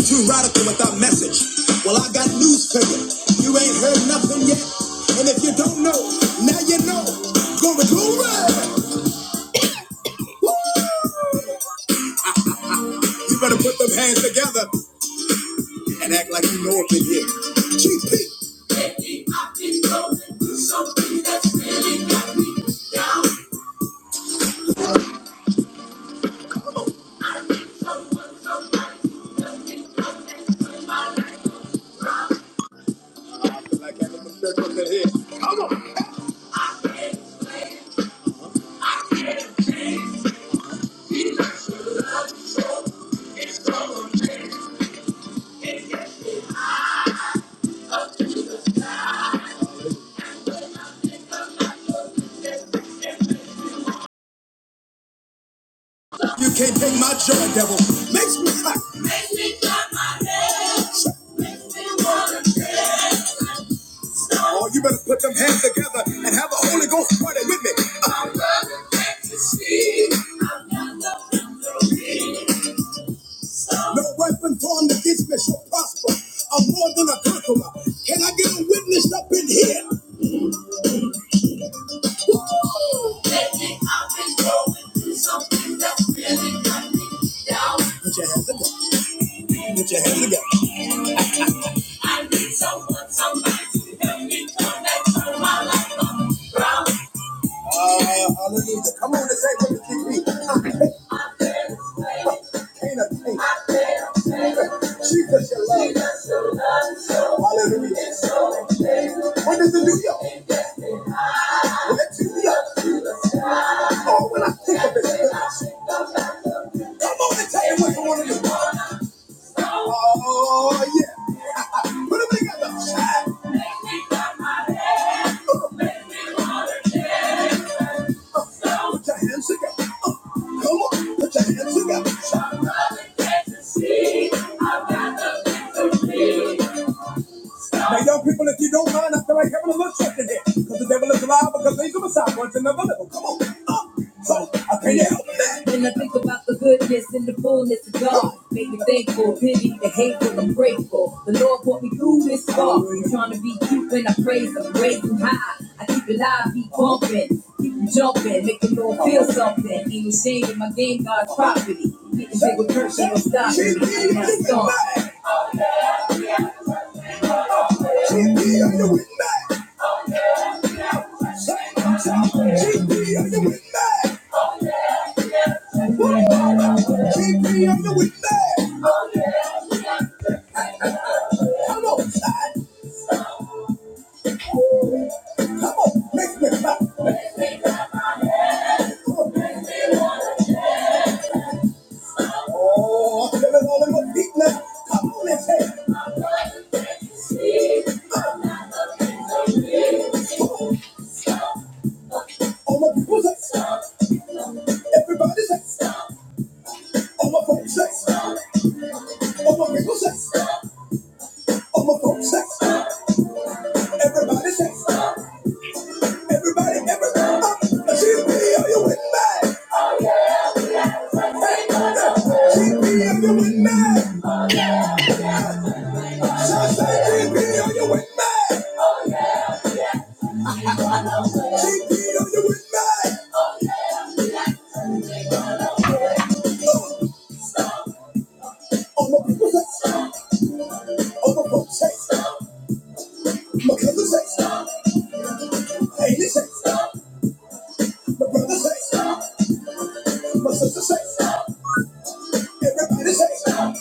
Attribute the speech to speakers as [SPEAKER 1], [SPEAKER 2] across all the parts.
[SPEAKER 1] Too radical without message. Well, I got news for you. You ain't heard nothing yet. And if you don't know, now you know. Glory, glory! You better put them hands together and act like you know up in here. Chief Pete. Like that in the church up in here. You can't take my joy, devil. Makes me hot. Makes me clap my head. Makes me wanna hands. Oh, you better put them hands together and have the Holy Ghost party with me. I'm running back to see. I'm not nothing to be. No weapon formed against me shall prosper. I'm more than a conqueror. Can I get a witness up in here? Woo! Lately I've been going through something that's really got me down. Put your hands together. Put your hands together. I need someone, somebody to help me turn that, turn my life around. Uh, hallelujah. Come on and say with me, GP. Ain't a thing. Jesus, your love. Hallelujah. What does it do, y'all? Let you be up. Oh, when I think of it, come on and tell me what you want to do. Oh, yeah. Put hands Make me clap my a big on the side. Put your hands together. Uh, Come on. Put your hands together. my brother can't see. I've got the victory. Now, young people, if you don't mind, I feel like having a little trick in here. Because the devil is alive, because he's a Messiah, once and never live. Come on, up. So, I can't help that. When I think about the goodness and the fullness of God, make me thankful, pity, the hateful, I'm grateful. The Lord brought me through this far. Trying to be cute when I praise him, way too high. I keep it live, keep bumping, keep it jumping, make the Lord feel something. Ain't no shame in my game, God's property. Make the bigger person, don't stop me. I'm not stopping. Keep me on your way back. GP, are you with me? GP, are you with me? Come on, son. Come on, make me clap. Come on. Oh, I'm feeling all in my feet now. Come on, let's say. All my people say. Everybody say. All my folks say. All my people say. All my folks say. Everybody say stop. Everybody, everybody up. GPO, you went mad. GPO, you went mad. Shout say GPO, you went mad. GPO, you went mad. Oh, oh, my people say stop. Oh, my folks say stop. My cousin say stop. Amy say stop. My brother say stop. My sister say stop. Everybody say stop.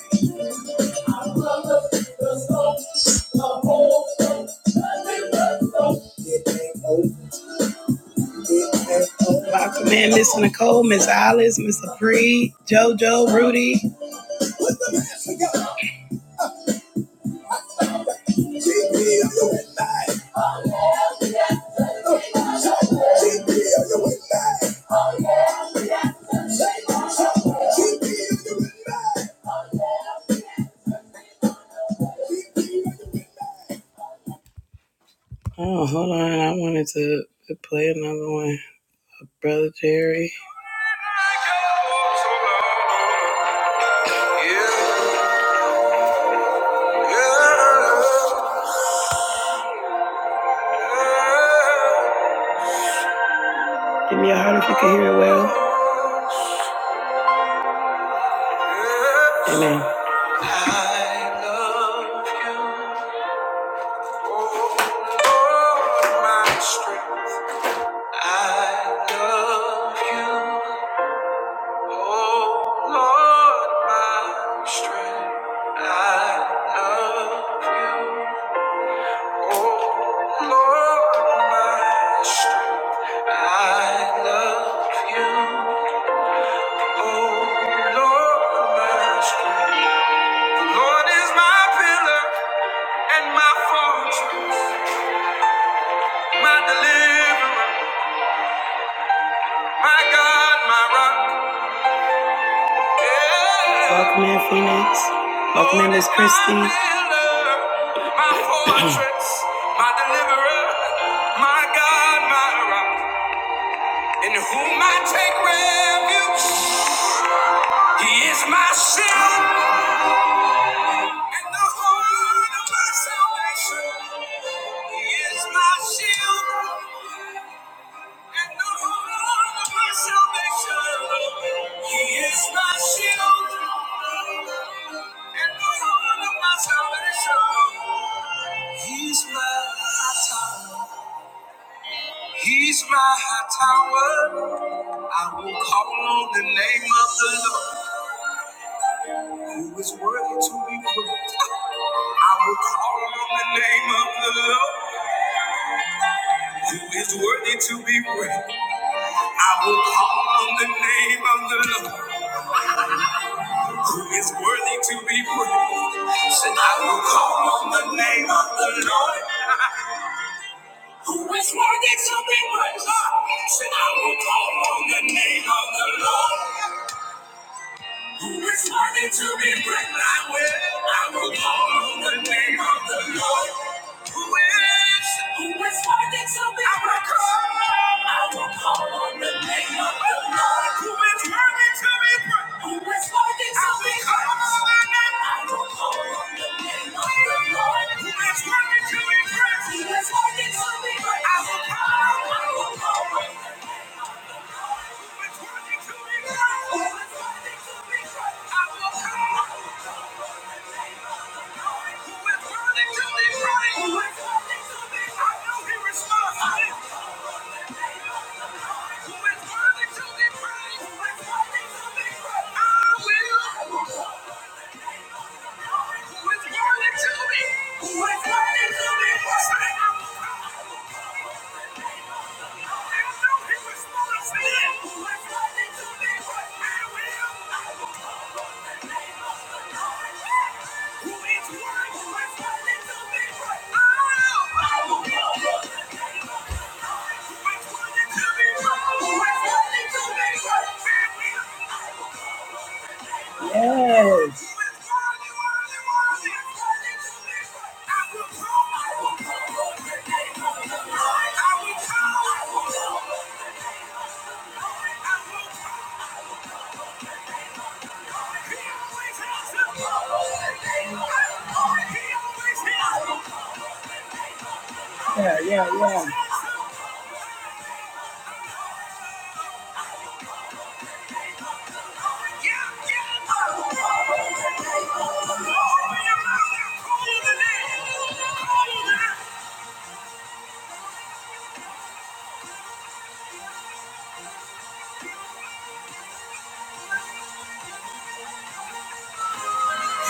[SPEAKER 1] It ain't over. Lock man, Miss Nicole, Miss Alice, Miss Apri, JoJo, Rudy. Oh, hold on. I wanted to to play another one. Brother Jerry. Give me a heart if you can hear it well. Amen. I love you, oh my strength. I love you, oh Lord, my strength. I love you, oh Lord, my strength. I love you, oh Lord, my strength. Lord is my pillar and my fortress, my deliverer, my God, my rock. Yeah. Welcome in, Phoenix. Welcome in, Lord Miss Christie. My Christie. pillar, my fortress, my deliverer, my God, my rock. In whom I take refuge, He is my shield and the horn of my salvation. He is my shield And the Lord of my salvation, He is my shield. And the Lord of my salvation, He's my tower. He's my tower. I will call on the name of the Lord, who is worthy to be praised. I will call on the name of the Lord, who is worthy to be praised. I will call on the name of the Lord. who is worthy to be praised. Said, I will call on the name of the Lord, who is worthy to be praised. Said, I will call on the name of the Lord. Who is worthy to be praised? I will, I will call on the name of the Lord. Who is, who is worthy to be I will praised? Call, I will call on the name of the Lord. Who is worthy to be praised? Who is worthy to I will be call praised? on the name. I will call on the name of the Lord. Who is worthy to be praised? Who is worthy to be praised? I will call, on, I will call on. Who is worthy to be praised? Who is worthy to be praised? I will call. on. I will. Who is running to me?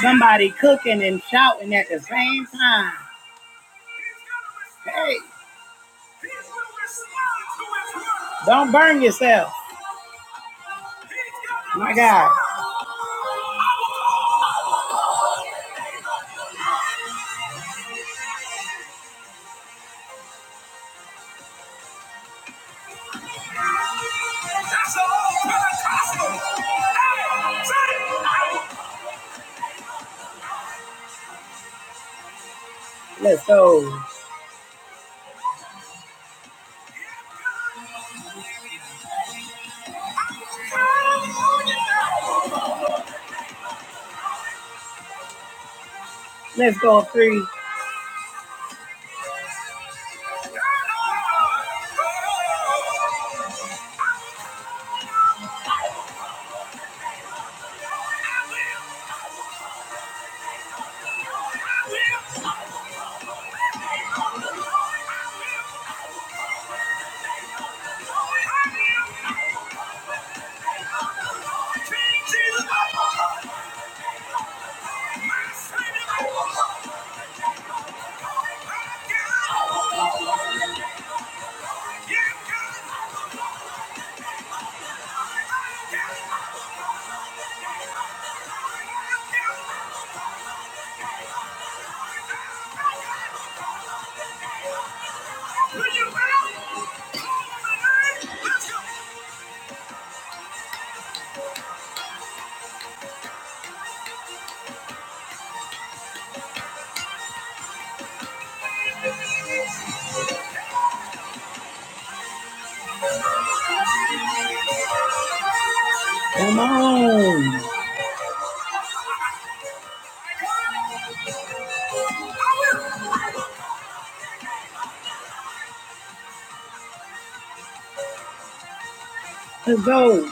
[SPEAKER 1] Somebody cooking and shouting at the same time. Hey. Don't burn yourself. My God. Let's go. Let's go three. Come on. Let's go.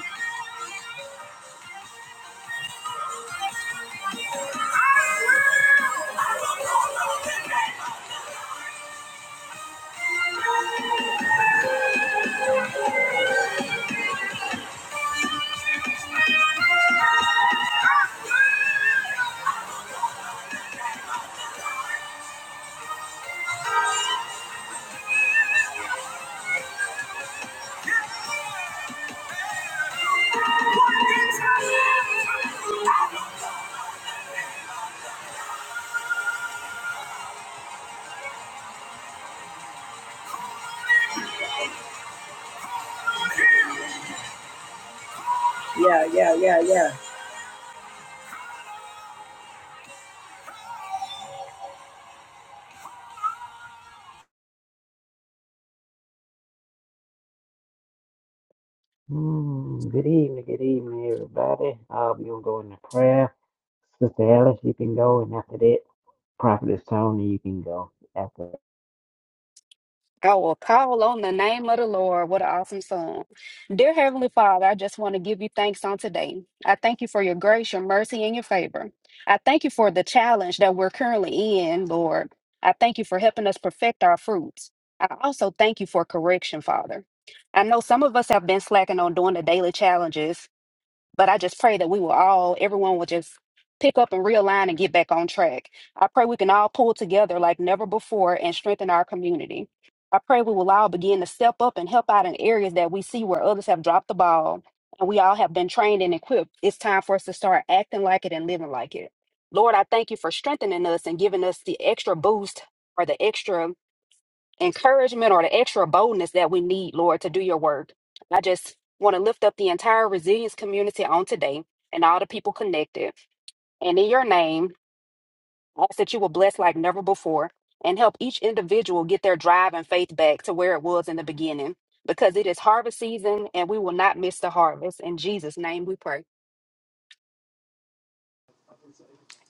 [SPEAKER 1] Yeah, yeah, yeah, yeah.
[SPEAKER 2] Mm, good evening, good evening, everybody. All of you will go into prayer. Sister Alice, you can go, and after that, Prophetess Tony, you can go. After
[SPEAKER 3] I will call on the name of the Lord. What an awesome song. Dear Heavenly Father, I just want to give you thanks on today. I thank you for your grace, your mercy, and your favor. I thank you for the challenge that we're currently in, Lord. I thank you for helping us perfect our fruits. I also thank you for correction, Father. I know some of us have been slacking on doing the daily challenges, but I just pray that we will all, everyone will just pick up and realign and get back on track. I pray we can all pull together like never before and strengthen our community. I pray we will all begin to step up and help out in areas that we see where others have dropped the ball and we all have been trained and equipped. It's time for us to start acting like it and living like it. Lord, I thank you for strengthening us and giving us the extra boost or the extra encouragement or the extra boldness that we need, Lord, to do your work. I just want to lift up the entire resilience community on today and all the people connected. And in your name, I ask that you will bless like never before and help each individual get their drive and faith back to where it was in the beginning because it is harvest season and we will not miss the harvest. In Jesus' name we pray.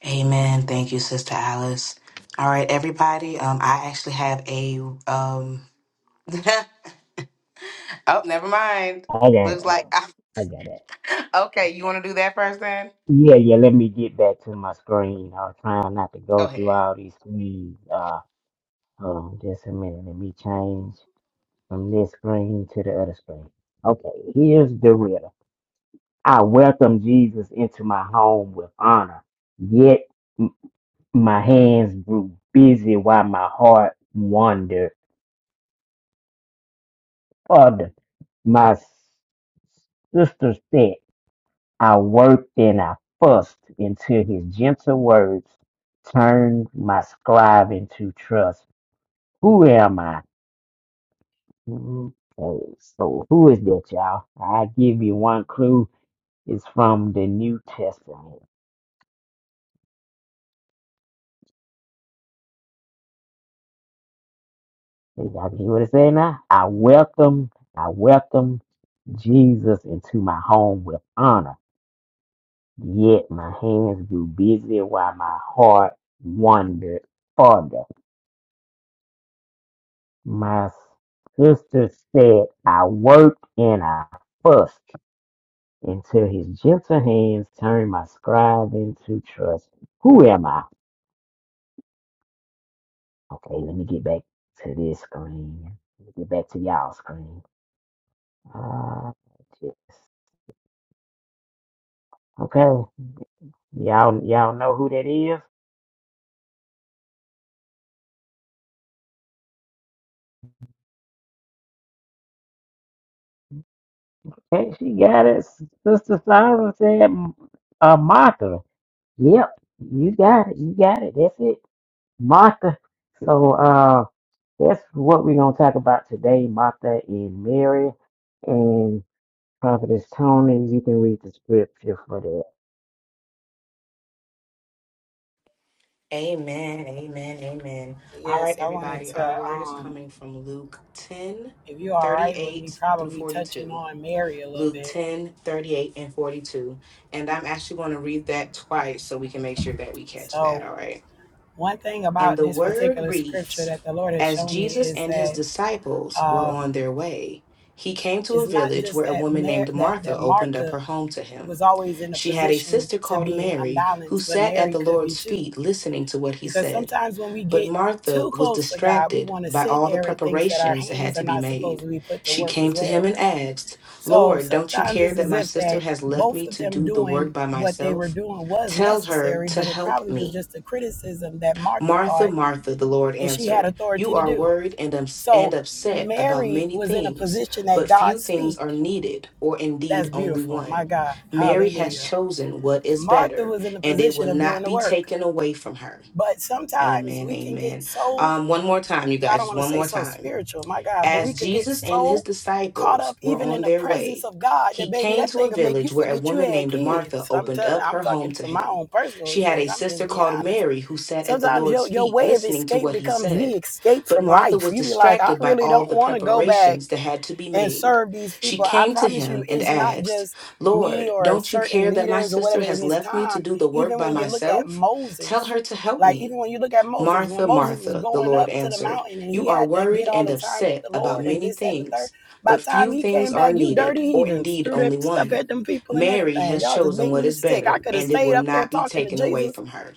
[SPEAKER 4] Amen. Thank you, Sister Alice. All right, everybody. Um, I actually have a um. oh, never mind.
[SPEAKER 2] I got,
[SPEAKER 4] Looks
[SPEAKER 2] uh,
[SPEAKER 4] like I,
[SPEAKER 2] I got it.
[SPEAKER 4] okay. You want to do that first, then?
[SPEAKER 2] Yeah, yeah. Let me get back to my screen. I was trying not to
[SPEAKER 4] Go
[SPEAKER 2] go through
[SPEAKER 4] ahead.
[SPEAKER 2] all these screens. Uh, hold on, just a minute. Let me change from this screen to the other screen. Okay, here's the riddle. I welcome Jesus into my home with honor. Yet. My hands grew busy while my heart wandered further. My s- sister said, I worked and I fussed until his gentle words turned my scribe into trust. Who am I? Okay, so who is that, y'all? I give you one clue. It's from the New Testament. Hey, Y'all can hear what it say now? I welcome, I welcome Jesus into my home with honor. Yet my hands grew busy while my heart wandered farther. My sister said I worked and I fussed until his gentle hands turned my scribe into trust. Who am I? Okay, let me get back to this screen. Let me get back to y'all screen. Uh, yes. Okay, y'all y'all know who that is? Okay, she got it. Sister Simon said uh, Martha. Yep, you got it. You got it. That's it, Martha. So uh, that's what we're gonna talk about today, Martha and Mary, and Prophetess Tony. You can read the scripture for that.
[SPEAKER 4] Amen. Amen. Amen. All
[SPEAKER 1] Yes,
[SPEAKER 4] right,
[SPEAKER 1] I wanted
[SPEAKER 4] everybody. Our
[SPEAKER 1] to,
[SPEAKER 4] word is
[SPEAKER 1] um,
[SPEAKER 4] coming from Luke 10
[SPEAKER 1] if you're all
[SPEAKER 4] thirty
[SPEAKER 1] right with
[SPEAKER 4] eight
[SPEAKER 1] me,
[SPEAKER 4] through
[SPEAKER 1] probably touching
[SPEAKER 4] 42.
[SPEAKER 1] on Mary a little
[SPEAKER 4] Luke
[SPEAKER 1] bit.
[SPEAKER 4] 10 38 and 42. And I'm actually going to read that twice so we can make sure that we catch that.
[SPEAKER 1] So,
[SPEAKER 4] All right.
[SPEAKER 1] one thing
[SPEAKER 4] And
[SPEAKER 1] about
[SPEAKER 4] the
[SPEAKER 1] this
[SPEAKER 4] word
[SPEAKER 1] particular scripture
[SPEAKER 4] reads
[SPEAKER 1] that the Lord has
[SPEAKER 4] As
[SPEAKER 1] shown me
[SPEAKER 4] Jesus
[SPEAKER 1] is
[SPEAKER 4] and his
[SPEAKER 1] that
[SPEAKER 4] disciples were on
[SPEAKER 1] um,
[SPEAKER 4] their way, he came to
[SPEAKER 1] it's
[SPEAKER 4] a
[SPEAKER 1] not
[SPEAKER 4] village
[SPEAKER 1] just
[SPEAKER 4] where a
[SPEAKER 1] that
[SPEAKER 4] woman
[SPEAKER 1] Mar-
[SPEAKER 4] named
[SPEAKER 1] that
[SPEAKER 4] Martha
[SPEAKER 1] that
[SPEAKER 4] opened up her
[SPEAKER 1] Martha
[SPEAKER 4] home to him.
[SPEAKER 1] was always in a
[SPEAKER 4] She had a
[SPEAKER 1] position
[SPEAKER 4] sister
[SPEAKER 1] to
[SPEAKER 4] called
[SPEAKER 1] being
[SPEAKER 4] Mary who
[SPEAKER 1] unbalanced, but
[SPEAKER 4] sat at
[SPEAKER 1] Mary
[SPEAKER 4] the
[SPEAKER 1] could be
[SPEAKER 4] Lord's
[SPEAKER 1] too.
[SPEAKER 4] feet listening to what he
[SPEAKER 1] Because
[SPEAKER 4] said.
[SPEAKER 1] sometimes when we
[SPEAKER 4] But
[SPEAKER 1] get
[SPEAKER 4] Martha
[SPEAKER 1] too
[SPEAKER 4] was
[SPEAKER 1] close to God, we
[SPEAKER 4] distracted
[SPEAKER 1] want to
[SPEAKER 4] by
[SPEAKER 1] sit
[SPEAKER 4] all the
[SPEAKER 1] there and think that our
[SPEAKER 4] preparations that
[SPEAKER 1] hands
[SPEAKER 4] had
[SPEAKER 1] are
[SPEAKER 4] to be
[SPEAKER 1] not supposed
[SPEAKER 4] made.
[SPEAKER 1] to be put to
[SPEAKER 4] She
[SPEAKER 1] work
[SPEAKER 4] came
[SPEAKER 1] as
[SPEAKER 4] to him
[SPEAKER 1] well
[SPEAKER 4] and asked,
[SPEAKER 1] So
[SPEAKER 4] Lord, don't you
[SPEAKER 1] sometimes
[SPEAKER 4] care
[SPEAKER 1] it's
[SPEAKER 4] that
[SPEAKER 1] as
[SPEAKER 4] my
[SPEAKER 1] if
[SPEAKER 4] sister
[SPEAKER 1] that
[SPEAKER 4] has left
[SPEAKER 1] both
[SPEAKER 4] me
[SPEAKER 1] of
[SPEAKER 4] to
[SPEAKER 1] them
[SPEAKER 4] do the work
[SPEAKER 1] doing
[SPEAKER 4] by
[SPEAKER 1] what they were
[SPEAKER 4] myself?
[SPEAKER 1] doing was
[SPEAKER 4] Tell her
[SPEAKER 1] necessary,
[SPEAKER 4] to
[SPEAKER 1] but it
[SPEAKER 4] help
[SPEAKER 1] probably
[SPEAKER 4] me.
[SPEAKER 1] was just a criticism that Martha
[SPEAKER 4] Martha,
[SPEAKER 1] thought
[SPEAKER 4] Martha, the Lord
[SPEAKER 1] that she had
[SPEAKER 4] answered, You
[SPEAKER 1] authority to
[SPEAKER 4] are
[SPEAKER 1] do.
[SPEAKER 4] worried and, ups- and
[SPEAKER 1] So
[SPEAKER 4] upset about
[SPEAKER 1] Mary
[SPEAKER 4] many
[SPEAKER 1] was in a
[SPEAKER 4] things,
[SPEAKER 1] position at
[SPEAKER 4] but few
[SPEAKER 1] God's
[SPEAKER 4] things
[SPEAKER 1] feet.
[SPEAKER 4] are needed, or indeed
[SPEAKER 1] That's
[SPEAKER 4] only
[SPEAKER 1] beautiful. My
[SPEAKER 4] one.
[SPEAKER 1] God.
[SPEAKER 4] Mary has
[SPEAKER 1] Hallelujah.
[SPEAKER 4] chosen what is
[SPEAKER 1] Martha
[SPEAKER 4] better,
[SPEAKER 1] was in the
[SPEAKER 4] and it
[SPEAKER 1] position
[SPEAKER 4] will
[SPEAKER 1] of doing
[SPEAKER 4] not
[SPEAKER 1] the
[SPEAKER 4] be
[SPEAKER 1] work.
[SPEAKER 4] taken away from her.
[SPEAKER 1] But sometimes
[SPEAKER 4] Amen.
[SPEAKER 1] we can get
[SPEAKER 4] Amen.
[SPEAKER 1] so
[SPEAKER 4] Um, one more time, you
[SPEAKER 1] I
[SPEAKER 4] guys,
[SPEAKER 1] don't
[SPEAKER 4] just
[SPEAKER 1] want to
[SPEAKER 4] one
[SPEAKER 1] say
[SPEAKER 4] more
[SPEAKER 1] so
[SPEAKER 4] time.
[SPEAKER 1] spiritual, my God, but we
[SPEAKER 4] As
[SPEAKER 1] could get
[SPEAKER 4] Jesus and his
[SPEAKER 1] so caught
[SPEAKER 4] disciples
[SPEAKER 1] up
[SPEAKER 4] were
[SPEAKER 1] even in
[SPEAKER 4] on
[SPEAKER 1] the
[SPEAKER 4] their
[SPEAKER 1] presence
[SPEAKER 4] way,
[SPEAKER 1] of God
[SPEAKER 4] he
[SPEAKER 1] that baby,
[SPEAKER 4] came
[SPEAKER 1] that
[SPEAKER 4] to a
[SPEAKER 1] thing will make you
[SPEAKER 4] village where a
[SPEAKER 1] forget you
[SPEAKER 4] woman
[SPEAKER 1] had
[SPEAKER 4] named Martha
[SPEAKER 1] kids. I'm
[SPEAKER 4] opened
[SPEAKER 1] telling,
[SPEAKER 4] up
[SPEAKER 1] I'm
[SPEAKER 4] her home
[SPEAKER 1] talking
[SPEAKER 4] to
[SPEAKER 1] from my
[SPEAKER 4] him.
[SPEAKER 1] own personal
[SPEAKER 4] She had a
[SPEAKER 1] experience. I'm
[SPEAKER 4] sister
[SPEAKER 1] just being
[SPEAKER 4] called
[SPEAKER 1] honest.
[SPEAKER 4] Mary who sat at the
[SPEAKER 1] Sometimes
[SPEAKER 4] Lord's
[SPEAKER 1] your your
[SPEAKER 4] feet
[SPEAKER 1] way of
[SPEAKER 4] listening to
[SPEAKER 1] escape
[SPEAKER 4] what he
[SPEAKER 1] becomes the
[SPEAKER 4] said.
[SPEAKER 1] escape
[SPEAKER 4] But
[SPEAKER 1] from
[SPEAKER 4] Martha
[SPEAKER 1] life.
[SPEAKER 4] was
[SPEAKER 1] You be like, I
[SPEAKER 4] distracted by
[SPEAKER 1] really
[SPEAKER 4] all of
[SPEAKER 1] don't
[SPEAKER 4] the
[SPEAKER 1] want to go back
[SPEAKER 4] preparations that had to be
[SPEAKER 1] and
[SPEAKER 4] made.
[SPEAKER 1] serve these
[SPEAKER 4] She
[SPEAKER 1] people. I
[SPEAKER 4] came to
[SPEAKER 1] promise you,
[SPEAKER 4] him and
[SPEAKER 1] it's not
[SPEAKER 4] asked,
[SPEAKER 1] just me
[SPEAKER 4] Lord,
[SPEAKER 1] or
[SPEAKER 4] don't you
[SPEAKER 1] certain
[SPEAKER 4] care that my
[SPEAKER 1] leaders or
[SPEAKER 4] sister
[SPEAKER 1] whatever in
[SPEAKER 4] has
[SPEAKER 1] this
[SPEAKER 4] left me to
[SPEAKER 1] time.
[SPEAKER 4] do the work
[SPEAKER 1] Even
[SPEAKER 4] by
[SPEAKER 1] when you look at
[SPEAKER 4] myself? Tell
[SPEAKER 1] Moses,
[SPEAKER 4] her to help
[SPEAKER 1] like
[SPEAKER 4] me.
[SPEAKER 1] even when you look at Moses, when
[SPEAKER 4] Martha,
[SPEAKER 1] Moses was
[SPEAKER 4] Martha, the
[SPEAKER 1] going
[SPEAKER 4] Lord
[SPEAKER 1] up to the
[SPEAKER 4] answered,
[SPEAKER 1] mountain and
[SPEAKER 4] you
[SPEAKER 1] he
[SPEAKER 4] are
[SPEAKER 1] had that
[SPEAKER 4] worried
[SPEAKER 1] get all
[SPEAKER 4] and
[SPEAKER 1] the time with
[SPEAKER 4] upset
[SPEAKER 1] the
[SPEAKER 4] about
[SPEAKER 1] Lord and
[SPEAKER 4] many
[SPEAKER 1] this, that, and the third,
[SPEAKER 4] things,
[SPEAKER 1] by
[SPEAKER 4] but
[SPEAKER 1] the
[SPEAKER 4] few
[SPEAKER 1] time he
[SPEAKER 4] things
[SPEAKER 1] came
[SPEAKER 4] are
[SPEAKER 1] back, you
[SPEAKER 4] needed,
[SPEAKER 1] dirty
[SPEAKER 4] or
[SPEAKER 1] heathens
[SPEAKER 4] indeed
[SPEAKER 1] threw that
[SPEAKER 4] only
[SPEAKER 1] stuff
[SPEAKER 4] one.
[SPEAKER 1] at them people and
[SPEAKER 4] Mary
[SPEAKER 1] everything.
[SPEAKER 4] has
[SPEAKER 1] Y'all just
[SPEAKER 4] chosen
[SPEAKER 1] make
[SPEAKER 4] what
[SPEAKER 1] me
[SPEAKER 4] is
[SPEAKER 1] sick. I
[SPEAKER 4] better,
[SPEAKER 1] could have
[SPEAKER 4] and it
[SPEAKER 1] stayed
[SPEAKER 4] will
[SPEAKER 1] up there
[SPEAKER 4] not be
[SPEAKER 1] talking to
[SPEAKER 4] taken away
[SPEAKER 1] Jesus,
[SPEAKER 4] from her.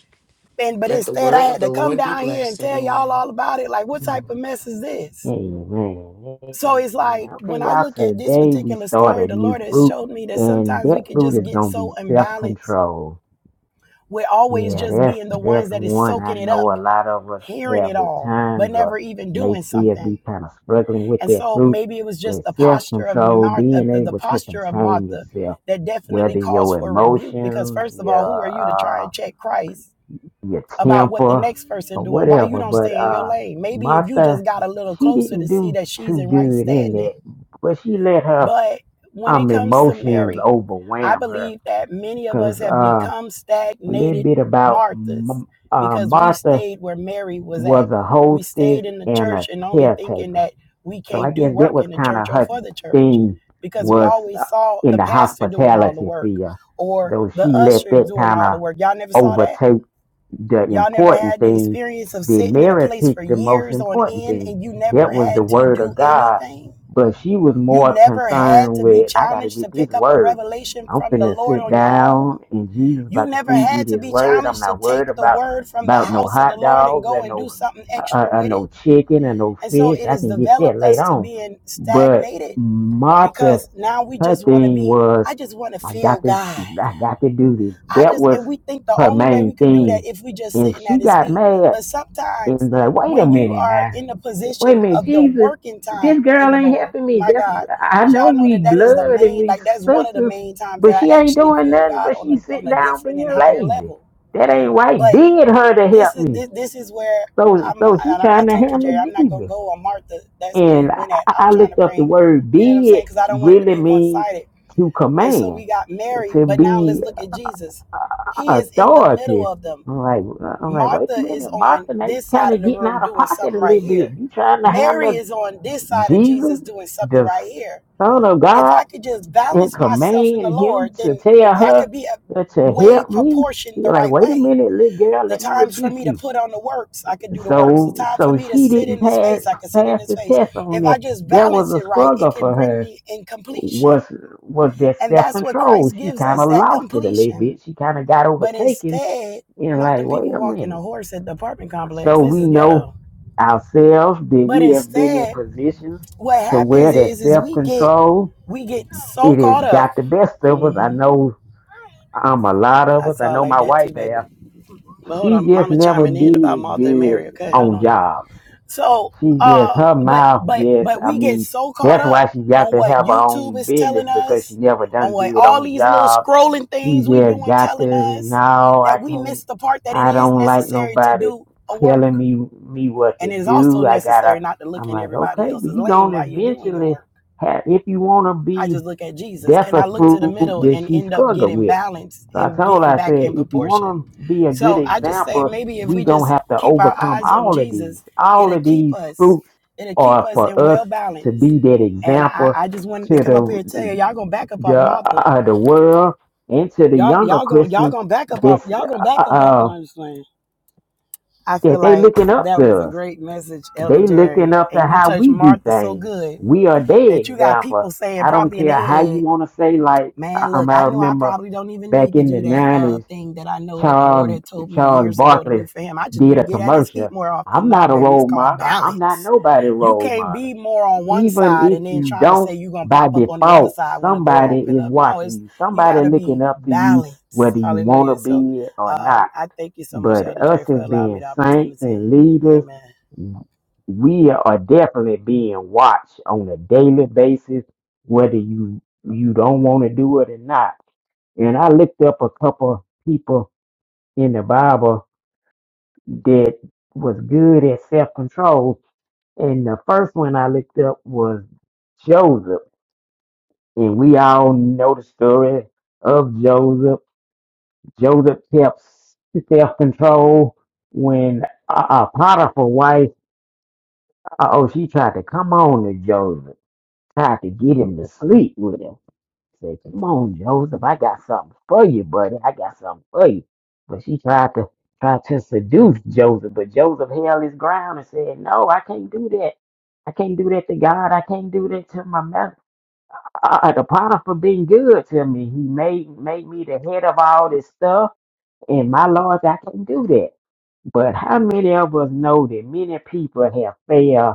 [SPEAKER 1] and but
[SPEAKER 4] Let the
[SPEAKER 1] instead I
[SPEAKER 4] word of
[SPEAKER 1] had
[SPEAKER 4] the
[SPEAKER 1] to come
[SPEAKER 4] Lord be
[SPEAKER 1] down here and
[SPEAKER 4] blessed,
[SPEAKER 1] tell y'all
[SPEAKER 4] everyone.
[SPEAKER 1] all about it. Like, what type of
[SPEAKER 2] Mm.
[SPEAKER 1] mess is this?
[SPEAKER 2] Amen.
[SPEAKER 1] So it's
[SPEAKER 2] Amen.
[SPEAKER 1] like
[SPEAKER 2] Okay,
[SPEAKER 1] when I
[SPEAKER 2] y'all.
[SPEAKER 1] look at this
[SPEAKER 2] Today we
[SPEAKER 1] particular
[SPEAKER 2] start
[SPEAKER 1] story,
[SPEAKER 2] a
[SPEAKER 1] the
[SPEAKER 2] new
[SPEAKER 1] Lord has
[SPEAKER 2] fruit,
[SPEAKER 1] showed me that
[SPEAKER 2] and
[SPEAKER 1] sometimes
[SPEAKER 2] that
[SPEAKER 1] we could
[SPEAKER 2] fruit
[SPEAKER 1] just
[SPEAKER 2] is
[SPEAKER 1] get
[SPEAKER 2] gonna be
[SPEAKER 1] so imbalanced,
[SPEAKER 2] self-control
[SPEAKER 1] We're always
[SPEAKER 2] Yeah,
[SPEAKER 1] just
[SPEAKER 2] that's
[SPEAKER 1] being the ones
[SPEAKER 2] that's
[SPEAKER 1] that is
[SPEAKER 2] one I
[SPEAKER 1] soaking it up,
[SPEAKER 2] know a lot of us
[SPEAKER 1] hearing it
[SPEAKER 2] have at
[SPEAKER 1] all, but
[SPEAKER 2] times or
[SPEAKER 1] never even
[SPEAKER 2] may
[SPEAKER 1] doing
[SPEAKER 2] still be
[SPEAKER 1] something.
[SPEAKER 2] kind of struggling with
[SPEAKER 1] And
[SPEAKER 2] that
[SPEAKER 1] so
[SPEAKER 2] fruit.
[SPEAKER 1] maybe it was
[SPEAKER 2] But
[SPEAKER 1] just the posture of
[SPEAKER 2] self-control,
[SPEAKER 1] Martha,
[SPEAKER 2] being
[SPEAKER 1] the, the
[SPEAKER 2] able to
[SPEAKER 1] posture of
[SPEAKER 2] contain
[SPEAKER 1] Martha
[SPEAKER 2] yourself,
[SPEAKER 1] that definitely
[SPEAKER 2] whether
[SPEAKER 1] calls
[SPEAKER 2] your
[SPEAKER 1] for rebuke. Because
[SPEAKER 2] emotions,
[SPEAKER 1] first of all, who are you to try
[SPEAKER 2] your uh
[SPEAKER 1] and check Christ
[SPEAKER 2] your
[SPEAKER 1] about what the
[SPEAKER 2] temper
[SPEAKER 1] next
[SPEAKER 2] or
[SPEAKER 1] person doing? Why you
[SPEAKER 2] whatever.
[SPEAKER 1] don't
[SPEAKER 2] But
[SPEAKER 1] stay in your
[SPEAKER 2] uh
[SPEAKER 1] lane? Maybe if you
[SPEAKER 2] Martha,
[SPEAKER 1] just got a little
[SPEAKER 2] she
[SPEAKER 1] closer
[SPEAKER 2] didn't
[SPEAKER 1] to see
[SPEAKER 2] do
[SPEAKER 1] that she's
[SPEAKER 2] too
[SPEAKER 1] in right
[SPEAKER 2] good in
[SPEAKER 1] standing
[SPEAKER 2] that, but she let her
[SPEAKER 1] But when it
[SPEAKER 2] um
[SPEAKER 1] comes to
[SPEAKER 2] emotions
[SPEAKER 1] Mary, I
[SPEAKER 2] overwhelm her.
[SPEAKER 1] believe that many of us
[SPEAKER 2] Cause
[SPEAKER 1] have
[SPEAKER 2] uh
[SPEAKER 1] become
[SPEAKER 2] a little
[SPEAKER 1] stagnated
[SPEAKER 2] bit about
[SPEAKER 1] Marthas
[SPEAKER 2] M- uh
[SPEAKER 1] because we
[SPEAKER 2] Martha
[SPEAKER 1] stayed where Mary was at.
[SPEAKER 2] was a
[SPEAKER 1] We
[SPEAKER 2] hostess
[SPEAKER 1] stayed in the
[SPEAKER 2] and a
[SPEAKER 1] church and only thinking
[SPEAKER 2] caretaker.
[SPEAKER 1] that we
[SPEAKER 2] So I
[SPEAKER 1] can't do
[SPEAKER 2] guess that
[SPEAKER 1] work
[SPEAKER 2] was
[SPEAKER 1] in the
[SPEAKER 2] kind of
[SPEAKER 1] church or
[SPEAKER 2] her
[SPEAKER 1] for the church
[SPEAKER 2] thing
[SPEAKER 1] because we
[SPEAKER 2] was uh,
[SPEAKER 1] always saw
[SPEAKER 2] in
[SPEAKER 1] the
[SPEAKER 2] the
[SPEAKER 1] pastor doing all the
[SPEAKER 2] hospitality
[SPEAKER 1] work
[SPEAKER 2] field,
[SPEAKER 1] or
[SPEAKER 2] though she
[SPEAKER 1] the
[SPEAKER 2] let
[SPEAKER 1] ushers
[SPEAKER 2] that
[SPEAKER 1] doing
[SPEAKER 2] kind
[SPEAKER 1] all
[SPEAKER 2] of
[SPEAKER 1] the work. Y'all never saw that?
[SPEAKER 2] overtake the
[SPEAKER 1] Y'all never
[SPEAKER 2] important
[SPEAKER 1] had the
[SPEAKER 2] thing,
[SPEAKER 1] experience of
[SPEAKER 2] did
[SPEAKER 1] sitting in a
[SPEAKER 2] Mary
[SPEAKER 1] place for
[SPEAKER 2] pick the most
[SPEAKER 1] years on
[SPEAKER 2] important
[SPEAKER 1] end
[SPEAKER 2] thing?
[SPEAKER 1] and you
[SPEAKER 2] That
[SPEAKER 1] never
[SPEAKER 2] was the
[SPEAKER 1] had to
[SPEAKER 2] word
[SPEAKER 1] do
[SPEAKER 2] of God.
[SPEAKER 1] anything?
[SPEAKER 2] But she was
[SPEAKER 1] You
[SPEAKER 2] more
[SPEAKER 1] never had
[SPEAKER 2] concerned
[SPEAKER 1] to be
[SPEAKER 2] with, I got to
[SPEAKER 1] challenged to
[SPEAKER 2] get this
[SPEAKER 1] pick up a
[SPEAKER 2] word.
[SPEAKER 1] revelation
[SPEAKER 2] I'm
[SPEAKER 1] from the
[SPEAKER 2] finna
[SPEAKER 1] Lord
[SPEAKER 2] sit
[SPEAKER 1] on your own.
[SPEAKER 2] down and Jesus
[SPEAKER 1] You
[SPEAKER 2] about to
[SPEAKER 1] never
[SPEAKER 2] feed me
[SPEAKER 1] had to
[SPEAKER 2] this
[SPEAKER 1] be
[SPEAKER 2] word. I'm
[SPEAKER 1] challenged to
[SPEAKER 2] not worried
[SPEAKER 1] take the
[SPEAKER 2] about
[SPEAKER 1] word from the
[SPEAKER 2] about no
[SPEAKER 1] house of the
[SPEAKER 2] hot
[SPEAKER 1] Lord and
[SPEAKER 2] dogs
[SPEAKER 1] go
[SPEAKER 2] and
[SPEAKER 1] and do
[SPEAKER 2] no
[SPEAKER 1] something
[SPEAKER 2] uh, uh,
[SPEAKER 1] extra
[SPEAKER 2] uh,
[SPEAKER 1] with it.
[SPEAKER 2] no chicken and no
[SPEAKER 1] And so
[SPEAKER 2] fish.
[SPEAKER 1] it
[SPEAKER 2] I
[SPEAKER 1] has
[SPEAKER 2] can get that
[SPEAKER 1] developed
[SPEAKER 2] later
[SPEAKER 1] us to
[SPEAKER 2] on.
[SPEAKER 1] being
[SPEAKER 2] But
[SPEAKER 1] stagnated
[SPEAKER 2] Martha
[SPEAKER 1] because now we
[SPEAKER 2] her
[SPEAKER 1] just want to
[SPEAKER 2] thing
[SPEAKER 1] be,
[SPEAKER 2] was,
[SPEAKER 1] I just want to
[SPEAKER 2] I
[SPEAKER 1] feel
[SPEAKER 2] got this,
[SPEAKER 1] God.
[SPEAKER 2] I got to do this.
[SPEAKER 1] I
[SPEAKER 2] That
[SPEAKER 1] just
[SPEAKER 2] was
[SPEAKER 1] and we think the
[SPEAKER 2] her
[SPEAKER 1] only way
[SPEAKER 2] main
[SPEAKER 1] we could do that
[SPEAKER 2] thing.
[SPEAKER 1] if we just
[SPEAKER 2] And
[SPEAKER 1] sitting
[SPEAKER 2] she
[SPEAKER 1] at his
[SPEAKER 2] got
[SPEAKER 1] feet.
[SPEAKER 2] mad
[SPEAKER 1] But sometimes
[SPEAKER 2] and was like, wait a
[SPEAKER 1] when you
[SPEAKER 2] minute
[SPEAKER 1] are
[SPEAKER 2] now.
[SPEAKER 1] in the
[SPEAKER 2] Wait a
[SPEAKER 1] position
[SPEAKER 2] minute,
[SPEAKER 1] of your
[SPEAKER 2] Jesus,
[SPEAKER 1] working
[SPEAKER 2] this
[SPEAKER 1] time in
[SPEAKER 2] girl
[SPEAKER 1] the
[SPEAKER 2] ain't
[SPEAKER 1] Lord,
[SPEAKER 2] helping me.
[SPEAKER 1] my
[SPEAKER 2] That's
[SPEAKER 1] God,
[SPEAKER 2] I
[SPEAKER 1] did
[SPEAKER 2] know
[SPEAKER 1] y'all know
[SPEAKER 2] we
[SPEAKER 1] that that is the
[SPEAKER 2] blood and
[SPEAKER 1] main
[SPEAKER 2] we
[SPEAKER 1] like that's one of the
[SPEAKER 2] sisters,
[SPEAKER 1] main times
[SPEAKER 2] but
[SPEAKER 1] that
[SPEAKER 2] she
[SPEAKER 1] I
[SPEAKER 2] ain't
[SPEAKER 1] actually
[SPEAKER 2] doing
[SPEAKER 1] feel
[SPEAKER 2] nothing,
[SPEAKER 1] God
[SPEAKER 2] but
[SPEAKER 1] on
[SPEAKER 2] she's
[SPEAKER 1] a on
[SPEAKER 2] sitting
[SPEAKER 1] a
[SPEAKER 2] down
[SPEAKER 1] different and
[SPEAKER 2] being
[SPEAKER 1] higher
[SPEAKER 2] lazy.
[SPEAKER 1] level.
[SPEAKER 2] That ain't right.
[SPEAKER 1] But
[SPEAKER 2] Bid her to
[SPEAKER 1] this
[SPEAKER 2] help
[SPEAKER 1] is
[SPEAKER 2] me.
[SPEAKER 1] this, this is where
[SPEAKER 2] So
[SPEAKER 1] I'm
[SPEAKER 2] so she's
[SPEAKER 1] and I'm, I
[SPEAKER 2] trying to
[SPEAKER 1] told you
[SPEAKER 2] handle
[SPEAKER 1] Jerry, I'm not gonna
[SPEAKER 2] Jesus.
[SPEAKER 1] go on Martha. That's where
[SPEAKER 2] And
[SPEAKER 1] you
[SPEAKER 2] I,
[SPEAKER 1] went at.
[SPEAKER 2] I
[SPEAKER 1] I'm trying to
[SPEAKER 2] looked up the
[SPEAKER 1] bring,
[SPEAKER 2] word
[SPEAKER 1] you know what I'm
[SPEAKER 2] "bid,"
[SPEAKER 1] saying? Because I don't want it to
[SPEAKER 2] really
[SPEAKER 1] be one
[SPEAKER 2] means
[SPEAKER 1] sided
[SPEAKER 2] to
[SPEAKER 1] and so
[SPEAKER 2] command,
[SPEAKER 1] we got Mary,
[SPEAKER 2] to
[SPEAKER 1] but now let's
[SPEAKER 2] be
[SPEAKER 1] look at Jesus. He
[SPEAKER 2] uh,
[SPEAKER 1] is in the middle
[SPEAKER 2] authority.
[SPEAKER 1] of them.
[SPEAKER 2] I'm like, I'm like, wait a
[SPEAKER 1] Martha is
[SPEAKER 2] minute,
[SPEAKER 1] on
[SPEAKER 2] Martha, now you
[SPEAKER 1] this
[SPEAKER 2] kind
[SPEAKER 1] side of
[SPEAKER 2] of
[SPEAKER 1] the
[SPEAKER 2] getting
[SPEAKER 1] room
[SPEAKER 2] out of
[SPEAKER 1] doing
[SPEAKER 2] pocket a
[SPEAKER 1] something right
[SPEAKER 2] little bit.
[SPEAKER 1] here.
[SPEAKER 2] You trying to
[SPEAKER 1] Mary
[SPEAKER 2] handle
[SPEAKER 1] is on this side of
[SPEAKER 2] Jesus,
[SPEAKER 1] Jesus doing something
[SPEAKER 2] the
[SPEAKER 1] right here.
[SPEAKER 2] Son of
[SPEAKER 1] If
[SPEAKER 2] God,
[SPEAKER 1] I could just
[SPEAKER 2] and
[SPEAKER 1] balance myself in the
[SPEAKER 2] command him
[SPEAKER 1] Lord,
[SPEAKER 2] to
[SPEAKER 1] then
[SPEAKER 2] tell
[SPEAKER 1] I
[SPEAKER 2] her
[SPEAKER 1] could be a
[SPEAKER 2] uh, to
[SPEAKER 1] way
[SPEAKER 2] help me?
[SPEAKER 1] proportioned the
[SPEAKER 2] You're like,
[SPEAKER 1] right
[SPEAKER 2] wait a
[SPEAKER 1] way.
[SPEAKER 2] minute, little girl,
[SPEAKER 1] The
[SPEAKER 2] let me
[SPEAKER 1] times for
[SPEAKER 2] rebuke
[SPEAKER 1] me to
[SPEAKER 2] you.
[SPEAKER 1] put on the works, I could do the works. The
[SPEAKER 2] So
[SPEAKER 1] time for
[SPEAKER 2] so
[SPEAKER 1] me to
[SPEAKER 2] she
[SPEAKER 1] sit
[SPEAKER 2] didn't
[SPEAKER 1] in his
[SPEAKER 2] pass
[SPEAKER 1] face, I could sit in
[SPEAKER 2] pass
[SPEAKER 1] his
[SPEAKER 2] the
[SPEAKER 1] face.
[SPEAKER 2] test on
[SPEAKER 1] If
[SPEAKER 2] that.
[SPEAKER 1] I just
[SPEAKER 2] That was
[SPEAKER 1] balance
[SPEAKER 2] a
[SPEAKER 1] it right, it
[SPEAKER 2] struggle
[SPEAKER 1] can
[SPEAKER 2] for
[SPEAKER 1] bring
[SPEAKER 2] her.
[SPEAKER 1] me in completion.
[SPEAKER 2] Was was that
[SPEAKER 1] And
[SPEAKER 2] self
[SPEAKER 1] that's what
[SPEAKER 2] control?
[SPEAKER 1] Christ
[SPEAKER 2] She
[SPEAKER 1] gives
[SPEAKER 2] kind
[SPEAKER 1] us,
[SPEAKER 2] of
[SPEAKER 1] that
[SPEAKER 2] lost it a little
[SPEAKER 1] completion.
[SPEAKER 2] bit. She kind of got
[SPEAKER 1] But
[SPEAKER 2] overtaken
[SPEAKER 1] instead,
[SPEAKER 2] and
[SPEAKER 1] not
[SPEAKER 2] like,
[SPEAKER 1] them
[SPEAKER 2] wait
[SPEAKER 1] people
[SPEAKER 2] a
[SPEAKER 1] walking a
[SPEAKER 2] minute.
[SPEAKER 1] horse at the apartment
[SPEAKER 2] So
[SPEAKER 1] complex. This
[SPEAKER 2] we
[SPEAKER 1] is
[SPEAKER 2] know
[SPEAKER 1] ghetto.
[SPEAKER 2] ourselves that
[SPEAKER 1] But
[SPEAKER 2] we have been in
[SPEAKER 1] instead,
[SPEAKER 2] positions
[SPEAKER 1] what
[SPEAKER 2] to where
[SPEAKER 1] happens
[SPEAKER 2] that
[SPEAKER 1] is is
[SPEAKER 2] self
[SPEAKER 1] we get
[SPEAKER 2] control
[SPEAKER 1] we get so
[SPEAKER 2] it has
[SPEAKER 1] caught up.
[SPEAKER 2] got the best of us. I
[SPEAKER 1] hmm
[SPEAKER 2] know um a lot of
[SPEAKER 1] I
[SPEAKER 2] us. I
[SPEAKER 1] saw it
[SPEAKER 2] know
[SPEAKER 1] like
[SPEAKER 2] my
[SPEAKER 1] that
[SPEAKER 2] wife
[SPEAKER 1] too,
[SPEAKER 2] have.
[SPEAKER 1] baby. But hold
[SPEAKER 2] She
[SPEAKER 1] on,
[SPEAKER 2] just
[SPEAKER 1] Mama
[SPEAKER 2] never
[SPEAKER 1] chiming in about
[SPEAKER 2] did
[SPEAKER 1] Martha and
[SPEAKER 2] good
[SPEAKER 1] Mary. Okay, hold
[SPEAKER 2] on
[SPEAKER 1] on.
[SPEAKER 2] jobs
[SPEAKER 1] So,
[SPEAKER 2] She just
[SPEAKER 1] uh,
[SPEAKER 2] her
[SPEAKER 1] but
[SPEAKER 2] mouth
[SPEAKER 1] but
[SPEAKER 2] just
[SPEAKER 1] but
[SPEAKER 2] I
[SPEAKER 1] we get
[SPEAKER 2] mean
[SPEAKER 1] so caught
[SPEAKER 2] that's
[SPEAKER 1] up
[SPEAKER 2] why she got
[SPEAKER 1] on
[SPEAKER 2] to
[SPEAKER 1] what
[SPEAKER 2] have her
[SPEAKER 1] YouTube
[SPEAKER 2] own
[SPEAKER 1] is
[SPEAKER 2] business
[SPEAKER 1] telling
[SPEAKER 2] because she
[SPEAKER 1] us,
[SPEAKER 2] never done
[SPEAKER 1] on what
[SPEAKER 2] good
[SPEAKER 1] all
[SPEAKER 2] on
[SPEAKER 1] these little
[SPEAKER 2] job.
[SPEAKER 1] scrolling
[SPEAKER 2] She
[SPEAKER 1] things we
[SPEAKER 2] just
[SPEAKER 1] doing
[SPEAKER 2] got to
[SPEAKER 1] telling us,
[SPEAKER 2] no, I
[SPEAKER 1] that we
[SPEAKER 2] can't
[SPEAKER 1] miss the part that it
[SPEAKER 2] I
[SPEAKER 1] is
[SPEAKER 2] don't like
[SPEAKER 1] necessary to
[SPEAKER 2] nobody
[SPEAKER 1] do a
[SPEAKER 2] telling
[SPEAKER 1] work,
[SPEAKER 2] me me what
[SPEAKER 1] and
[SPEAKER 2] to
[SPEAKER 1] it is also
[SPEAKER 2] do. I gotta
[SPEAKER 1] necessary not to look
[SPEAKER 2] I'm
[SPEAKER 1] in
[SPEAKER 2] like,
[SPEAKER 1] everybody
[SPEAKER 2] okay, but
[SPEAKER 1] else's
[SPEAKER 2] you
[SPEAKER 1] lane
[SPEAKER 2] gonna
[SPEAKER 1] while you're doing your
[SPEAKER 2] eventually
[SPEAKER 1] work.
[SPEAKER 2] have if you wanna
[SPEAKER 1] I
[SPEAKER 2] be
[SPEAKER 1] just look at Jesus.
[SPEAKER 2] that's
[SPEAKER 1] Can
[SPEAKER 2] a
[SPEAKER 1] I look to the
[SPEAKER 2] fruit
[SPEAKER 1] middle
[SPEAKER 2] that
[SPEAKER 1] and
[SPEAKER 2] she
[SPEAKER 1] end up
[SPEAKER 2] struggled
[SPEAKER 1] getting
[SPEAKER 2] with.
[SPEAKER 1] balanced
[SPEAKER 2] So I
[SPEAKER 1] and
[SPEAKER 2] told her,
[SPEAKER 1] getting
[SPEAKER 2] I
[SPEAKER 1] back
[SPEAKER 2] said,
[SPEAKER 1] in
[SPEAKER 2] if you want
[SPEAKER 1] proportion?
[SPEAKER 2] to be a good
[SPEAKER 1] So I just say
[SPEAKER 2] example,
[SPEAKER 1] maybe if
[SPEAKER 2] we
[SPEAKER 1] we
[SPEAKER 2] gonna
[SPEAKER 1] just
[SPEAKER 2] have to
[SPEAKER 1] keep our
[SPEAKER 2] overcome
[SPEAKER 1] eyes on
[SPEAKER 2] all of these.
[SPEAKER 1] Jesus,
[SPEAKER 2] All
[SPEAKER 1] it'll
[SPEAKER 2] of
[SPEAKER 1] keep
[SPEAKER 2] these
[SPEAKER 1] us,
[SPEAKER 2] fruits
[SPEAKER 1] it'll keep
[SPEAKER 2] are
[SPEAKER 1] us
[SPEAKER 2] for
[SPEAKER 1] in
[SPEAKER 2] us
[SPEAKER 1] well
[SPEAKER 2] to
[SPEAKER 1] balance.
[SPEAKER 2] be that
[SPEAKER 1] And I,
[SPEAKER 2] example
[SPEAKER 1] I just wanted
[SPEAKER 2] to
[SPEAKER 1] to come up here and tell you,
[SPEAKER 2] the
[SPEAKER 1] y'all gonna back up off
[SPEAKER 2] the
[SPEAKER 1] Martha.
[SPEAKER 2] uh, the world and to the
[SPEAKER 1] Y'all,
[SPEAKER 2] younger
[SPEAKER 1] y'all gonna, y'all
[SPEAKER 2] Christians
[SPEAKER 1] gonna back up off,
[SPEAKER 2] that's
[SPEAKER 1] y'all gonna
[SPEAKER 2] uh,
[SPEAKER 1] back up off.
[SPEAKER 2] uh,
[SPEAKER 1] No, I'm just playing. I feel
[SPEAKER 2] that they
[SPEAKER 1] like
[SPEAKER 2] looking up
[SPEAKER 1] that
[SPEAKER 2] to
[SPEAKER 1] was a
[SPEAKER 2] us.
[SPEAKER 1] great message,
[SPEAKER 2] They
[SPEAKER 1] Elder
[SPEAKER 2] looking
[SPEAKER 1] Jerry,
[SPEAKER 2] up to
[SPEAKER 1] and you
[SPEAKER 2] how
[SPEAKER 1] touched
[SPEAKER 2] we do
[SPEAKER 1] Martha so
[SPEAKER 2] things.
[SPEAKER 1] good
[SPEAKER 2] We are their
[SPEAKER 1] that you got
[SPEAKER 2] example.
[SPEAKER 1] people saying
[SPEAKER 2] I don't
[SPEAKER 1] probably in their
[SPEAKER 2] care how you
[SPEAKER 1] head
[SPEAKER 2] want to say. Like I,
[SPEAKER 1] Man, look,
[SPEAKER 2] um,
[SPEAKER 1] I
[SPEAKER 2] I
[SPEAKER 1] know I
[SPEAKER 2] remember
[SPEAKER 1] probably don't even
[SPEAKER 2] back
[SPEAKER 1] need to
[SPEAKER 2] in the
[SPEAKER 1] do that uh
[SPEAKER 2] nineties,
[SPEAKER 1] thing that I know that the Lord
[SPEAKER 2] Charles
[SPEAKER 1] had told me
[SPEAKER 2] Charles
[SPEAKER 1] years ago to do
[SPEAKER 2] Barkley
[SPEAKER 1] for him. I just need
[SPEAKER 2] did
[SPEAKER 1] to
[SPEAKER 2] a
[SPEAKER 1] get at his feet
[SPEAKER 2] commercial.
[SPEAKER 1] more often.
[SPEAKER 2] I'm
[SPEAKER 1] Nah,
[SPEAKER 2] not a
[SPEAKER 1] baby, it's
[SPEAKER 2] role
[SPEAKER 1] called
[SPEAKER 2] model. I'm not
[SPEAKER 1] balance.
[SPEAKER 2] nobody
[SPEAKER 1] You
[SPEAKER 2] role
[SPEAKER 1] can't
[SPEAKER 2] model.
[SPEAKER 1] be more on one
[SPEAKER 2] Even
[SPEAKER 1] side
[SPEAKER 2] if
[SPEAKER 1] and then
[SPEAKER 2] you
[SPEAKER 1] trying to
[SPEAKER 2] don't,
[SPEAKER 1] say you're gonna
[SPEAKER 2] by
[SPEAKER 1] pop up on the other
[SPEAKER 2] default,
[SPEAKER 1] side when the door
[SPEAKER 2] somebody
[SPEAKER 1] open
[SPEAKER 2] is
[SPEAKER 1] up. No, it's
[SPEAKER 2] watching you.
[SPEAKER 1] you
[SPEAKER 2] Somebody
[SPEAKER 1] gotta
[SPEAKER 2] looking
[SPEAKER 1] be
[SPEAKER 2] up to you,
[SPEAKER 1] balanced.
[SPEAKER 2] whether you want to
[SPEAKER 1] Hallelujah. So
[SPEAKER 2] be it or
[SPEAKER 1] um
[SPEAKER 2] not.
[SPEAKER 1] I thank you so much,
[SPEAKER 2] But
[SPEAKER 1] Elder Jerry,
[SPEAKER 2] us
[SPEAKER 1] for
[SPEAKER 2] as
[SPEAKER 1] allowing
[SPEAKER 2] being
[SPEAKER 1] me the
[SPEAKER 2] saints
[SPEAKER 1] opportunity.
[SPEAKER 2] and leaders,
[SPEAKER 1] Amen.
[SPEAKER 2] we are definitely being watched on a daily basis, whether you you don't want to do it or not. And I looked up a couple people in the Bible that was good at self control, and the first one I looked up was Joseph, and we all know the story of Joseph. Joseph kept self control when a uh, Potiphar's wife Uh oh, she tried to come on to Joseph, tried to get him to sleep with him. Said, Come on, Joseph, I got something for you, buddy. I got something for you. But she tried to tried to seduce Joseph, but Joseph held his ground and said, No, I can't do that. I can't do that to God. I can't do that to my master. Uh, uh, the Potiphar been good to me. He made made me the head of all this stuff. And my Lord, I can't do that. But how many of us know that many people have failed?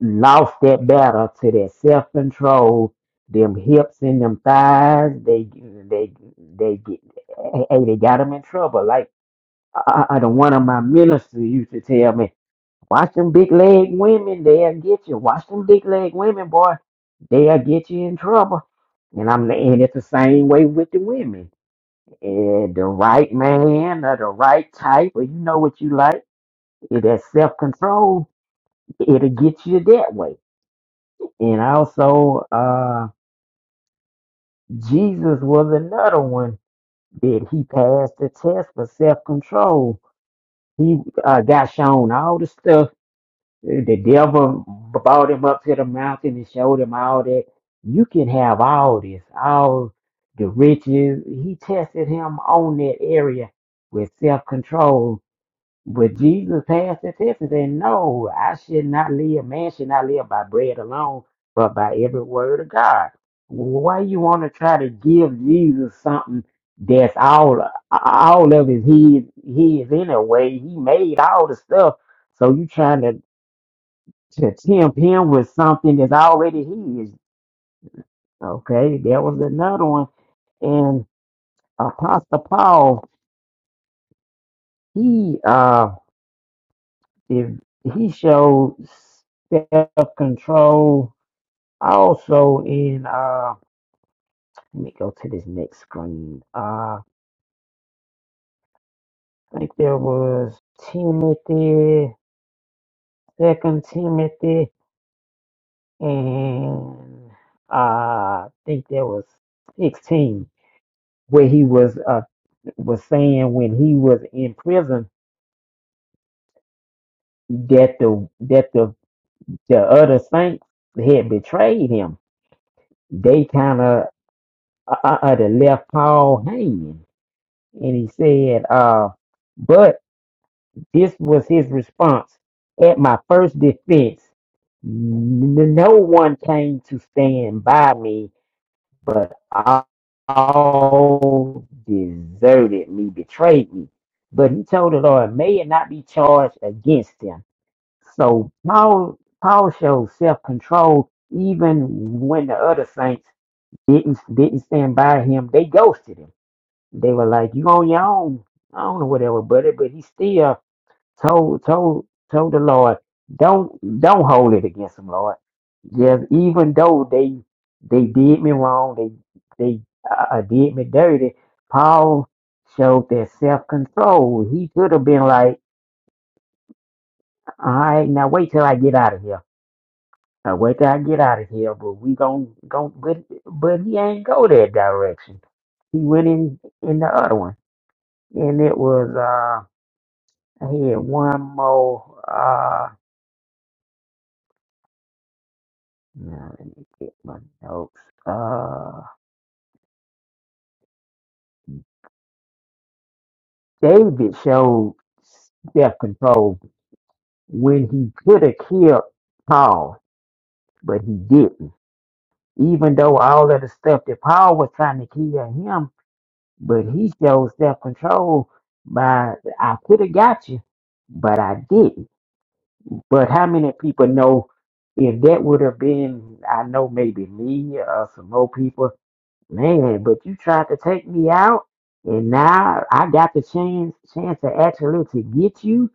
[SPEAKER 2] lost that battle to that self control, them hips and them thighs. They they they get hey, they got them in trouble. Like I, I I don't one of my ministers used to tell me, watch them big leg women, they'll get you. Watch them big leg women, boy, they'll get you in trouble. And I'm and it's the same way with the women. And the right man or the right type, or you know what you like, it that self control, it'll get you that way and also, uh, Jesus was another one that he passed the test for self control. He uh, got shown all the stuff. The devil brought him up to the mountain and showed him all that. You can have all this, all the riches. He tested him on that area with self control But Jesus passed the test and said, No, I should not live. Man should not live by bread alone, but by every word of God. Why you want to try to give Jesus something that's all all of his? his his anyway? He made all the stuff. So you trying to, to tempt him with something that's already his. Okay, there was another one. And Apostle Paul, he uh if he showed self control also in uh let me go to this next screen. Uh I think there was Timothy, second Timothy and uh I think there was sixteen where he was uh was saying when he was in prison that the that the the other saints had betrayed him. They kind of uh, uh, uh, left Paul hanging And he said, uh, but this was his response. At my first defense, n- no one came to stand by me, but all deserted me, betrayed me. But he told the Lord, may it not be charged against them. So Paul, Paul showed self-control even when the other saints didn't didn't stand by him. They ghosted him. They were like, "You on your own." I don't know whatever, buddy, but he still told told told the Lord, "Don't don't hold it against them, Lord." Yes, even though they they did me wrong, they they uh, uh, did me dirty. Paul showed that self control. He could have been like, "All right, now wait till I get out of here. Now wait till I get out of here." But we gon' gon' but but he ain't go that direction. He went in in the other one, and it was. uh, I had one more. Uh, now let me get my notes. Uh, David showed self control when he could have killed Paul, but he didn't. Even though all of the stuff that Paul was trying to kill him, but he showed self control by I could have got you, but I didn't. But how many people know if that would have been, I know maybe me or some more people, Man, but you tried to take me out, and now I got the chance chance to actually to get you.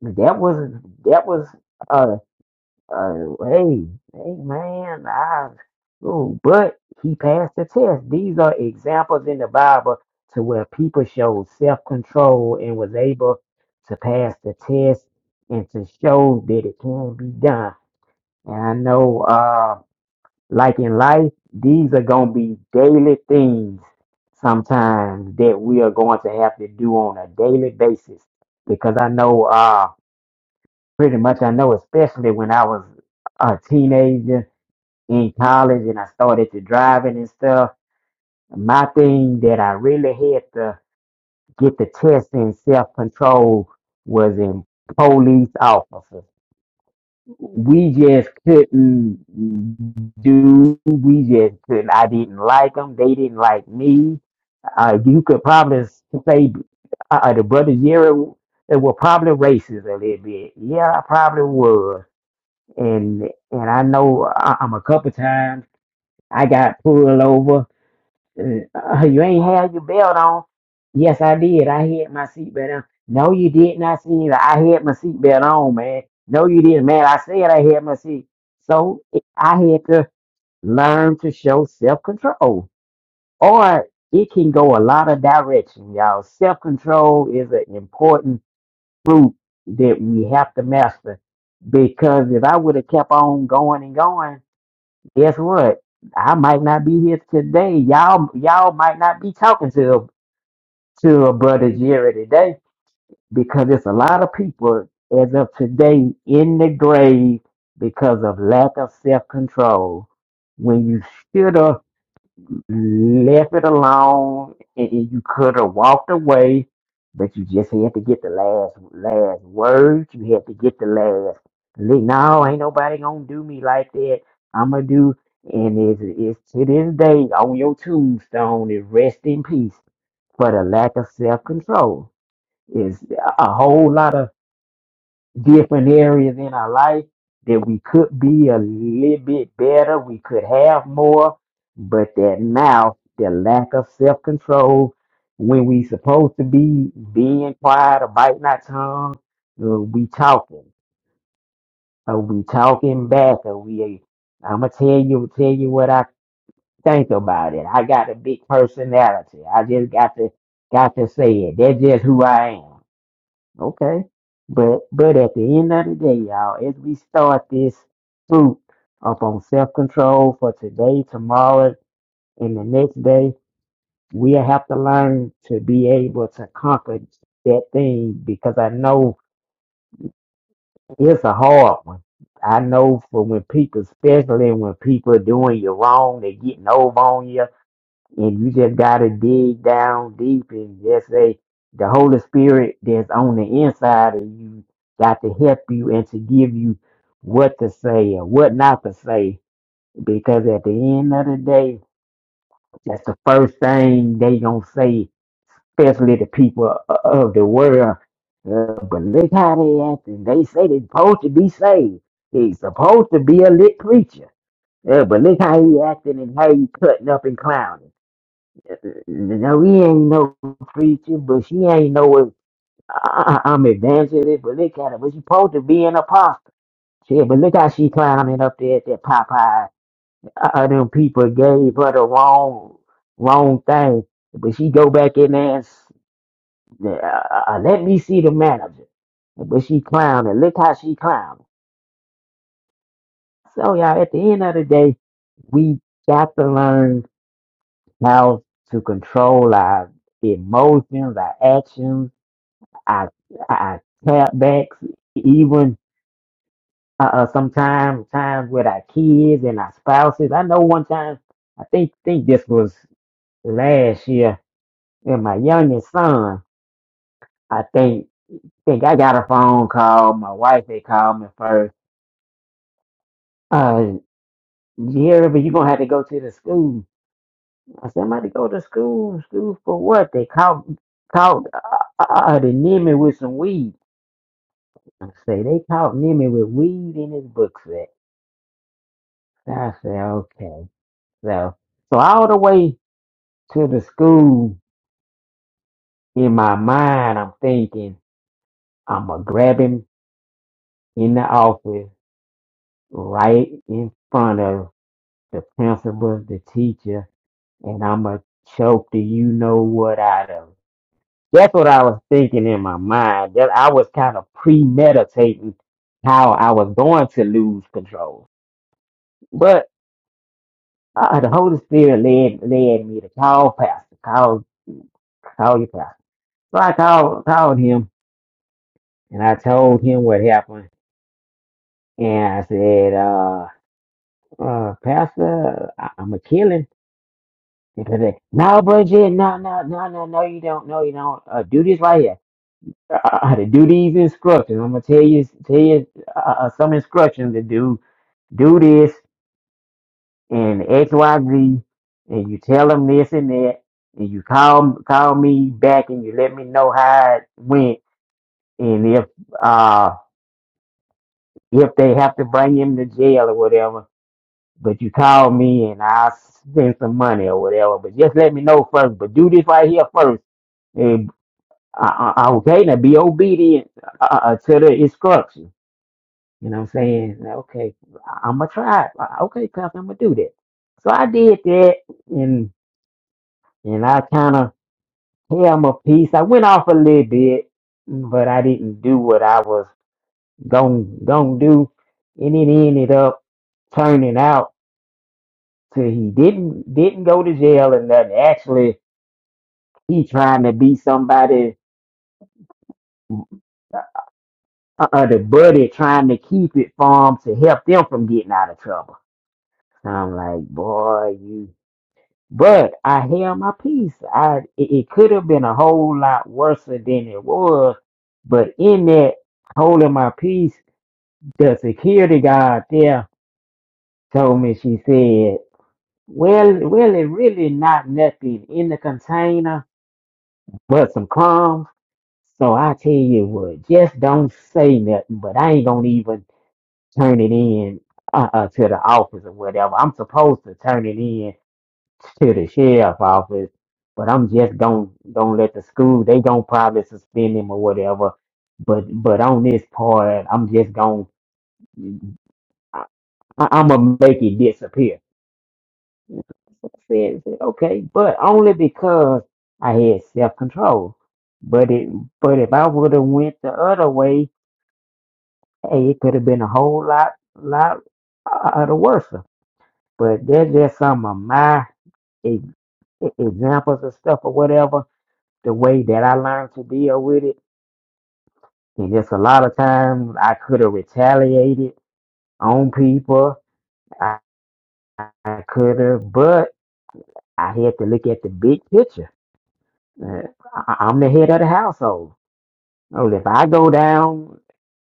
[SPEAKER 2] That wasn't that was uh uh hey hey man I oh but he passed the test. These are examples in the Bible to where people showed self control and was able to pass the test and to show that it can be done. And I know uh. Like in life, these are going to be daily things sometimes that we are going to have to do on a daily basis. Because I know, uh, pretty much, I know, especially when I was a teenager in college and I started to driving and stuff, my thing that I really had to get the test in self control was in police officers we just couldn't do. We just couldn't. I didn't like them. They didn't like me. Uh, you could probably say uh, uh, the brother Jerry they were probably racist a little bit. Yeah, I probably was. And and I know I, I'm a couple times I got pulled over uh, you ain't had your belt on. Yes, I did. I had my seatbelt on. No, you did not see that. I had my seatbelt on, man. No, you didn't, man. I said I had my seat. So it- I had to learn to show self control, or it can go a lot of directions, y'all. Self control is an important root that we have to master because if I would have kept on going and going. Guess what? I might not be here today. Y'all, y'all might not be talking to to a brother Jerry today because it's a lot of people as of today in the grave because of lack of self control. When you should have left it alone and, and you could have walked away, but you just had to get the last last word. You had to get the last. li- No, ain't nobody gonna do me like that. I'ma do, and it's, it's to this day on your tombstone is rest in peace for the lack of self control. Is a whole lot of different areas in our life that we could be a little bit better, we could have more, but that now the lack of self control when we supposed to be being quiet or biting our tongue, uh, we talking. or we talking back? or we? I'ma tell you, tell you what I think about it. I got a big personality. I just got to, got to say it. That's just who I am. Okay. But but at the end of the day, y'all, as we start this boot up on self control for today, tomorrow, and the next day, we'll have to learn to be able to conquer that thing because I know it's a hard one. I know for when people, especially when people are doing you wrong, they're getting over on you and you just gotta dig down deep and just say the Holy Spirit that's on the inside of you got to help you and to give you what to say and what not to say. Because at the end of the day, that's the first thing they gonna say, especially the people o- of the world. Uh, but look how they acting. They say they supposed to be saved. He's supposed to be a lit preacher. Uh, but look how he acting and how he cutting up and clowning. Now we ain't no preacher, but she ain't no. I, I- I'm evangelist, but look at her. But she supposed to be an apostle. Shit, but look how she climbing up there at that Popeye. Uh, uh, them people gave her the wrong, wrong thing. But she go back in there and s- uh, uh, uh, let me see the manager. But she clowning. Look how she clowning. So y'all, at the end of the day, we got to learn how to control our emotions, our actions I I tap backs even uh, uh sometimes times with our kids and our spouses. I know one time I think think this was last year and my youngest son I think think I got a phone call. My wife had called me first. Uh Jerry, but you gonna have to go to the school. I said, I'm about to go to school. School for what? They caught caught uh, uh, uh, the Nimmy with some weed. I say they caught Nimmy with weed in his book sack. I said, okay. So, so all the way to the school, in my mind, I'm thinking, I'm going to grab him in the office right in front of the principal, the teacher, and I'm going to choke the you know what out of him. That's what I was thinking in my mind. That I was kind of premeditating how I was going to lose control. But uh, the Holy Spirit led, led me to call Pastor, call, call your pastor. So I called called him and I told him what happened. And I said, uh, uh Pastor, I- I'm gonna kill him. And he said, No, Bridget, no, no, no, no, no, you don't, no, you don't. Uh, do this right here. Uh, uh, to do these instructions. I'm gonna tell you, tell you uh, uh, some instructions to do. Do this and X, Y, Z, and you tell them this and that, and you call call me back and you let me know how it went, and if uh. if they have to bring him to jail or whatever. But you call me and I'll spend some money or whatever. But just let me know first. But do this right here first. And I, I, okay, now be obedient uh, uh, uh, to the instruction. You know what I'm saying? Okay, I'm gonna try. it. Uh, Okay, Pastor, I'm gonna do that. So I did that, and and I kind of held my peace. I went off a little bit, but I didn't do what I was gonna gonna do, and it ended up turning out. So he didn't didn't go to jail and nothing. Actually, he trying to be somebody, uh, uh, the buddy trying to keep it from to help them from getting out of trouble. So I'm like, boy, you. But I held my peace. I it, it could have been a whole lot worse than it was. But in that holding my peace, the security guard there told me. She said, "Well, well, it really not nothing in the container, but some crumbs." So I tell you what, just don't say nothing, but I ain't gonna even turn it in uh, uh, to the office or whatever. I'm supposed to turn it in to the sheriff office, but I'm just gonna gonna let the school. They gonna probably suspend him or whatever. But but on this part, I'm just gonna I, I'm am going to make it disappear. So I said, okay, but only because I had self control. But it but if I would have went the other way Hey, it could have been a whole lot, lot uh, of the worse. But there's just some of my e- e- examples of stuff or whatever, the way that I learned to deal with it. And just a lot of times I could have retaliated on people. I, I could have, but I had to look at the big picture. Uh, I, I'm the head of the household. So if I go down,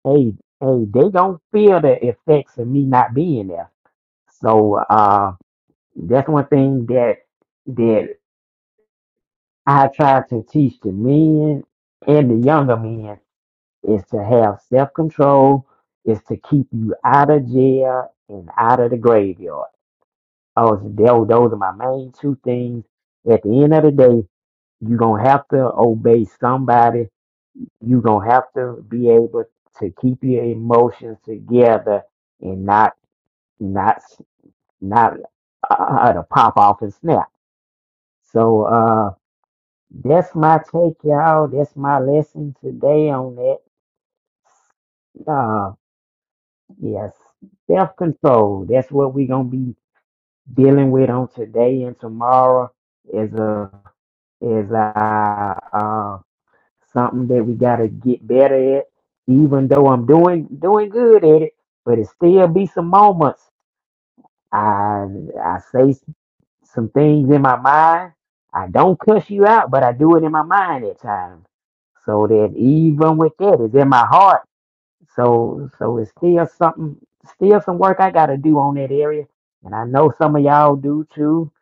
[SPEAKER 2] hey, hey, they don't feel the effects of me not being there. So, uh. That's one thing that that I try to teach the men and the younger men is to have self control, is to keep you out of jail and out of the graveyard. Those, those those are my main two things. At the end of the day, you're gonna have to obey somebody. You're gonna have to be able to keep your emotions together and not not not uh, uh, uh, to pop off and snap. So uh, That's my take, y'all. That's my lesson today on that. Uh, yes, self control. That's what we're gonna be dealing with on today and tomorrow. Is a is a uh, something that we gotta get better at. Even though I'm doing doing good at it, but it still be some moments. I I say some things in my mind. I don't cuss you out, but I do it in my mind at times. So that even with that, it's in my heart. So so it's still something, still some work I gotta do on that area. And I know some of y'all do too,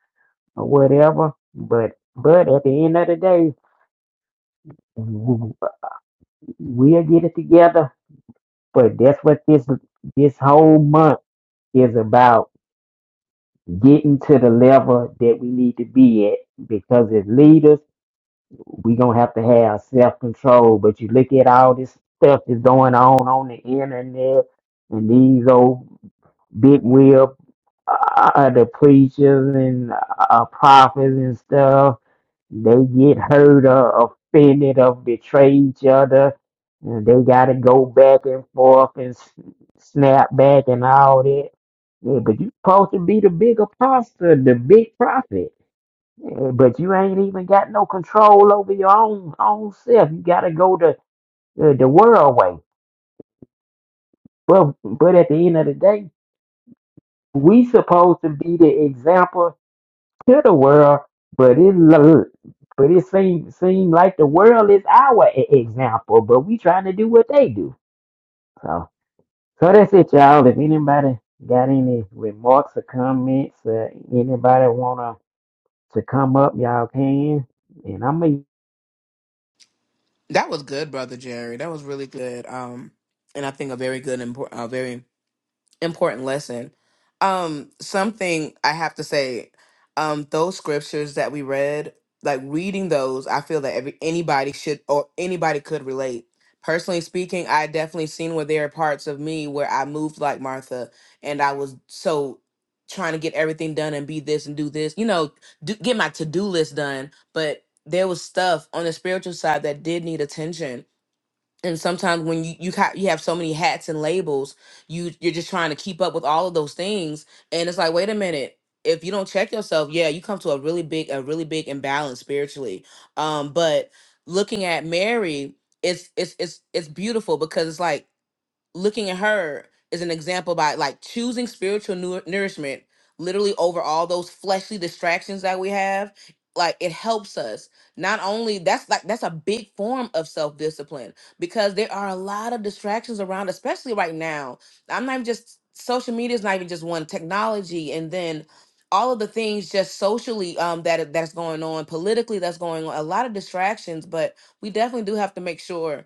[SPEAKER 2] or whatever. But but at the end of the day, w- we'll get it together. But that's what this this whole month is about: getting to the level that we need to be at. Because as leaders we gonna have to have self control. But you look at all this stuff that's going on on the internet, and these old big wheel, uh, the preachers and uh, prophets and stuff, they get hurt or offended or betray each other, and they gotta go back and forth and s- snap back and all that. Yeah, but you supposed to be the big apostle, the big prophet. Yeah, But you ain't even got no control over your own own self. You gotta go the the, the world way. But but at the end of the day, we supposed to be the example to the world. But it lo- but it seem seem like the world is our e- example. But we trying to do what they do. So so that's it, y'all. If anybody got any remarks or comments, uh, anybody wanna to come up, y'all can. And I'm gonna
[SPEAKER 4] That was good, brother Jerry. That was really good. Um, and I think a very good, important, important lesson. Um, something I have to say, um, those scriptures that we read, like reading those, I feel that every anybody should or anybody could relate. Personally speaking, I definitely seen where there are parts of me where I moved like Martha and I was so trying to get everything done and be this and do this, you know, do, get my to-do list done, but there was stuff on the spiritual side that did need attention and sometimes when you you, ha- you have so many hats and labels you you're just trying to keep up with all of those things and it's like wait a minute if you don't check yourself yeah you come to a really big a really big imbalance spiritually um but looking at mary it's it's it's it's beautiful because it's like looking at her is an example by like choosing spiritual nu- nourishment literally over all those fleshly distractions that we have like it helps us not only that's like that's a big form of self-discipline because there are a lot of distractions around especially right now i'm not even just social media is not even just one technology and then all of the things just socially um that that's going on politically that's going on a lot of distractions but we definitely do have to make sure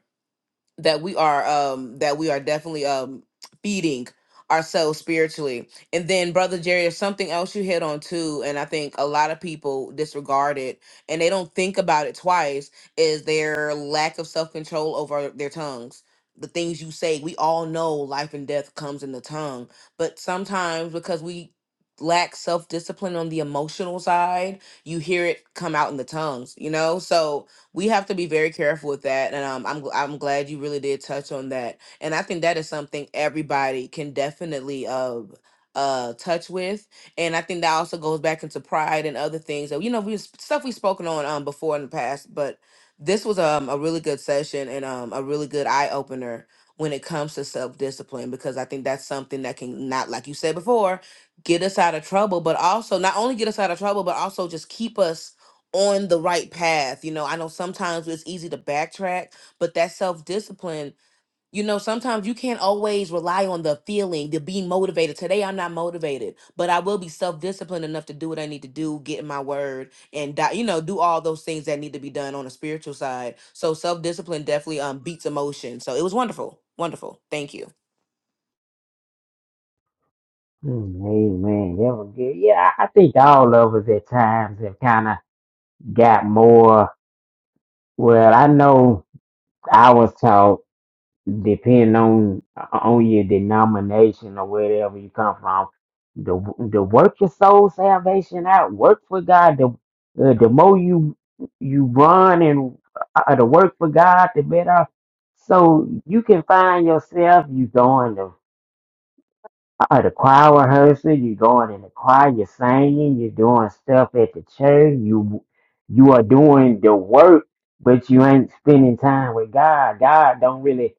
[SPEAKER 4] that we are um that we are definitely um feeding ourselves spiritually and then brother jerry there's something else you hit on too and i think a lot of people disregard it and they don't think about it twice is their lack of self-control over their tongues the things you say we all know life and death comes in the tongue but sometimes because we lack self-discipline on the emotional side you hear it come out in the tongues you know so we have to be very careful with that. And um, I'm gl- I'm glad you really did touch on that. And I think that is something everybody can definitely uh uh touch with. And I think that also goes back into pride and other things that you know we stuff we've spoken on um before in the past, but this was um a really good session and um a really good eye opener when it comes to self discipline because I think that's something that can not like you said before get us out of trouble, but also not only get us out of trouble, but also just keep us on the right path. You know, I know sometimes it's easy to backtrack, but that self discipline, you know, sometimes you can't always rely on the feeling to be motivated. Today I'm not motivated, but I will be self disciplined enough to do what I need to do, get in my word, and di- you know, do all those things that need to be done on a spiritual side. So self discipline definitely um beats emotion. So it was wonderful, wonderful. Thank you.
[SPEAKER 2] Mm, Amen. That was good. Yeah, I I think all of us at times have kind of got more. Well, I know I was taught, depending on on your denomination or wherever you come from, the the work your soul salvation out. Work for God. The uh, the more you you run and uh, the work for God, the better. So you can find yourself. You going to Uh, the choir rehearsal, you're going in the choir, you're singing, you're doing stuff at the church, you you are doing the work, but you ain't spending time with God. God don't really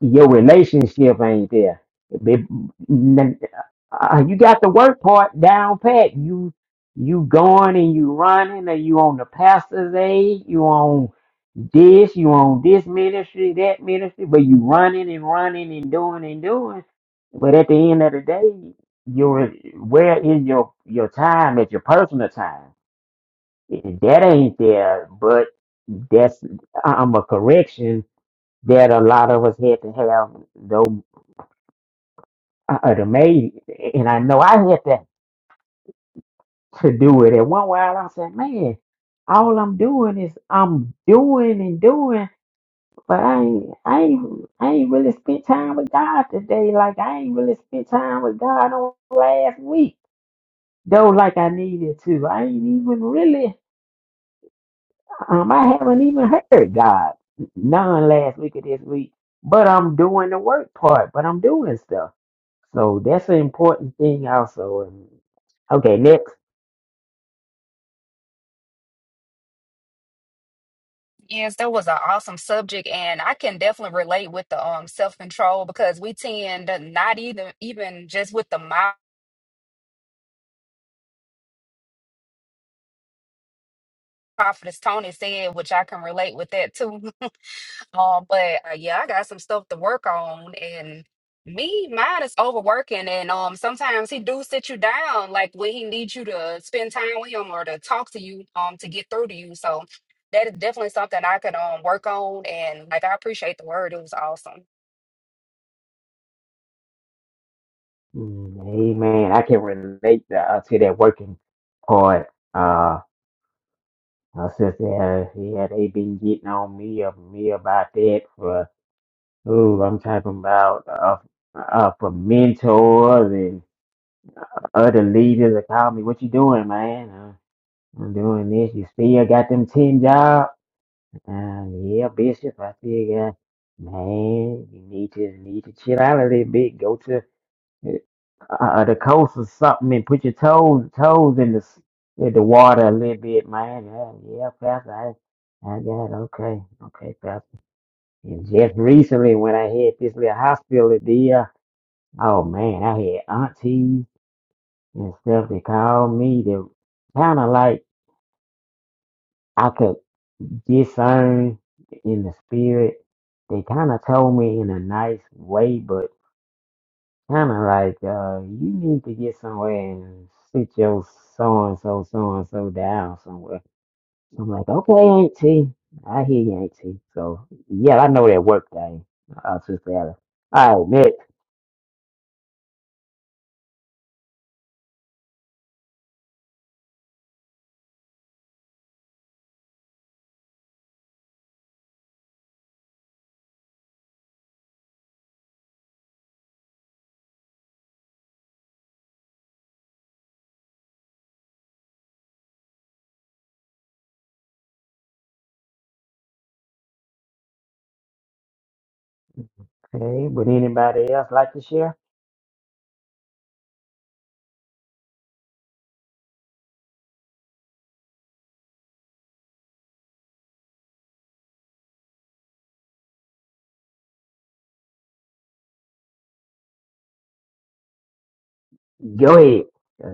[SPEAKER 2] your relationship ain't there. Be- n- uh, You got the work part down pat. You you going and you running, and you on the pastor's aid. You on this, you on this ministry, that ministry, but you running and running and doing and doing. But at the end of the day, your where is your your time at your personal time? That ain't there. But that's uh, I'm a correction that a lot of us had to have though uh, the maid and I know I had to to do it at one while I said, Man, all I'm doing is I'm doing and doing but I ain't I ain't I ain't really spent time with God today. Like I ain't really spent time with God on last week. Though like I needed to. I ain't even really Um, I haven't even heard God none last week or this week, but I'm doing the work part, but I'm doing stuff. So that's an important thing also. And okay, next,
[SPEAKER 3] Yes, that was an awesome subject, and I can definitely relate with the um self control because we tend to not even even just with the mouth prophetess Tony said, which I can relate with that too. um, but uh, yeah, I got some stuff to work on, and me, mine is overworking, and um, sometimes he do sit you down, like when he needs you to spend time with him or to talk to you, um, to get through to you. So that is definitely something I could um work on, and like I appreciate the word. It was awesome.
[SPEAKER 2] Mm, Amen. I can relate to, uh, to that working part. Uh, my sister, uh, yeah, they been getting on me of me about that for. Ooh, I'm talking about uh, uh, for mentors and other leaders that call me. What you doing, man? Uh, I'm doing this. You still got them 10 job? Uh, yeah, Bishop, I still got, man, you need to, need to chill out a little bit. Go to uh, uh, the coast or something and put your toes, toes in the, s- in the water a little bit, man. Uh, yeah, Pastor, I, I got, okay, okay, Pastor. And just recently when I hit this little hospital deal, oh man, I had aunties and stuff that called me to kind of like, I could. discern in the spirit. They kind of told me in a nice way, but kind of like, uh, you need to get somewhere and sit your so and so, so and so down somewhere. So I'm like, okay, Auntie. I hear you, Auntie. So, yeah, I know that work thing. Uh, Sister Alice. All right, next. Okay, would anybody else like to share? Go ahead.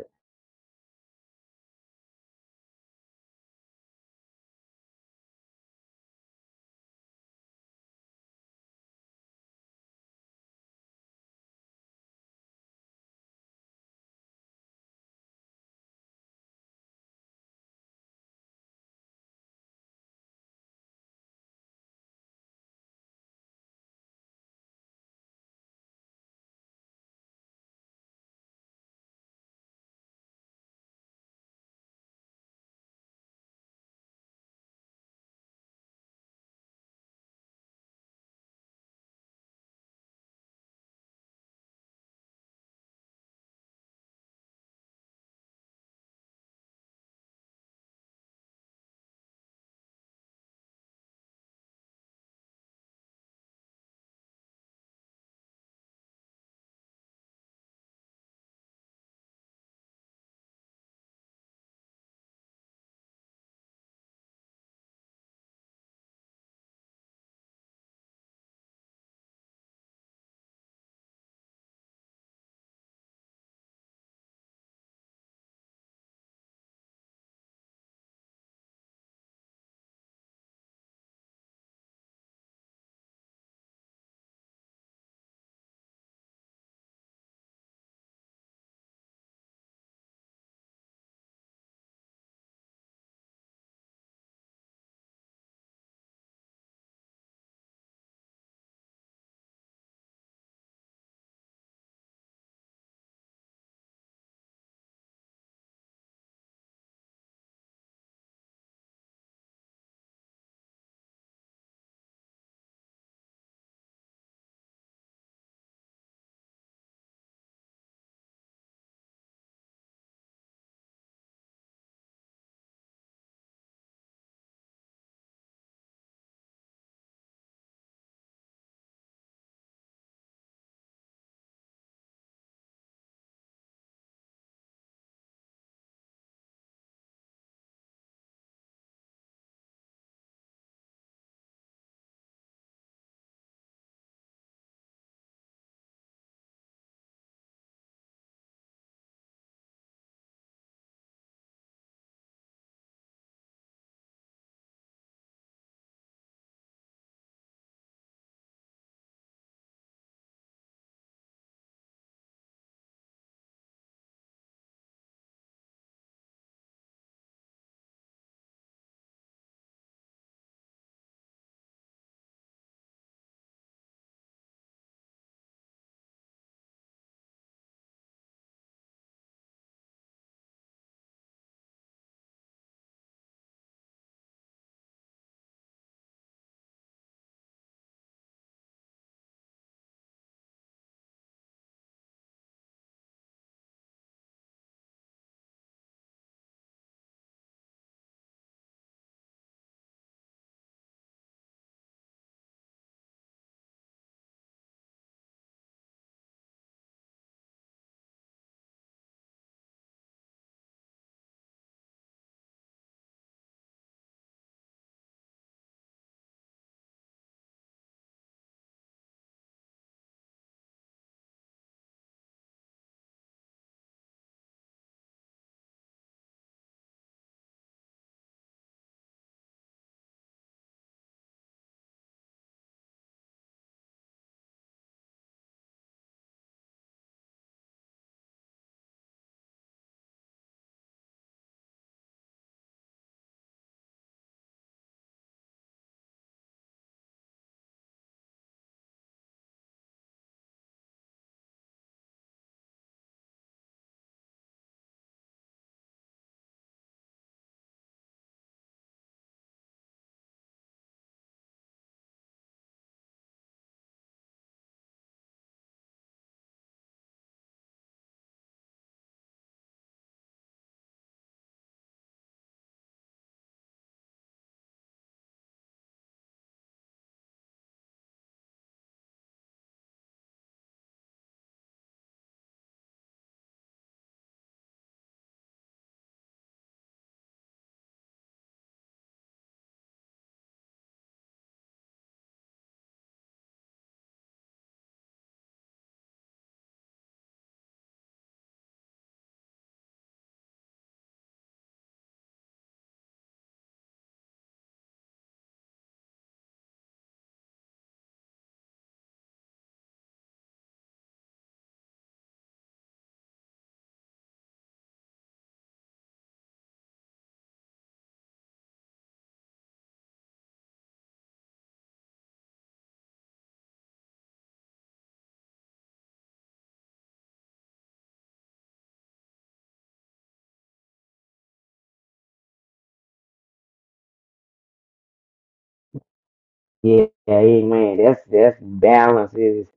[SPEAKER 2] Yeah, amen. That's that's balance is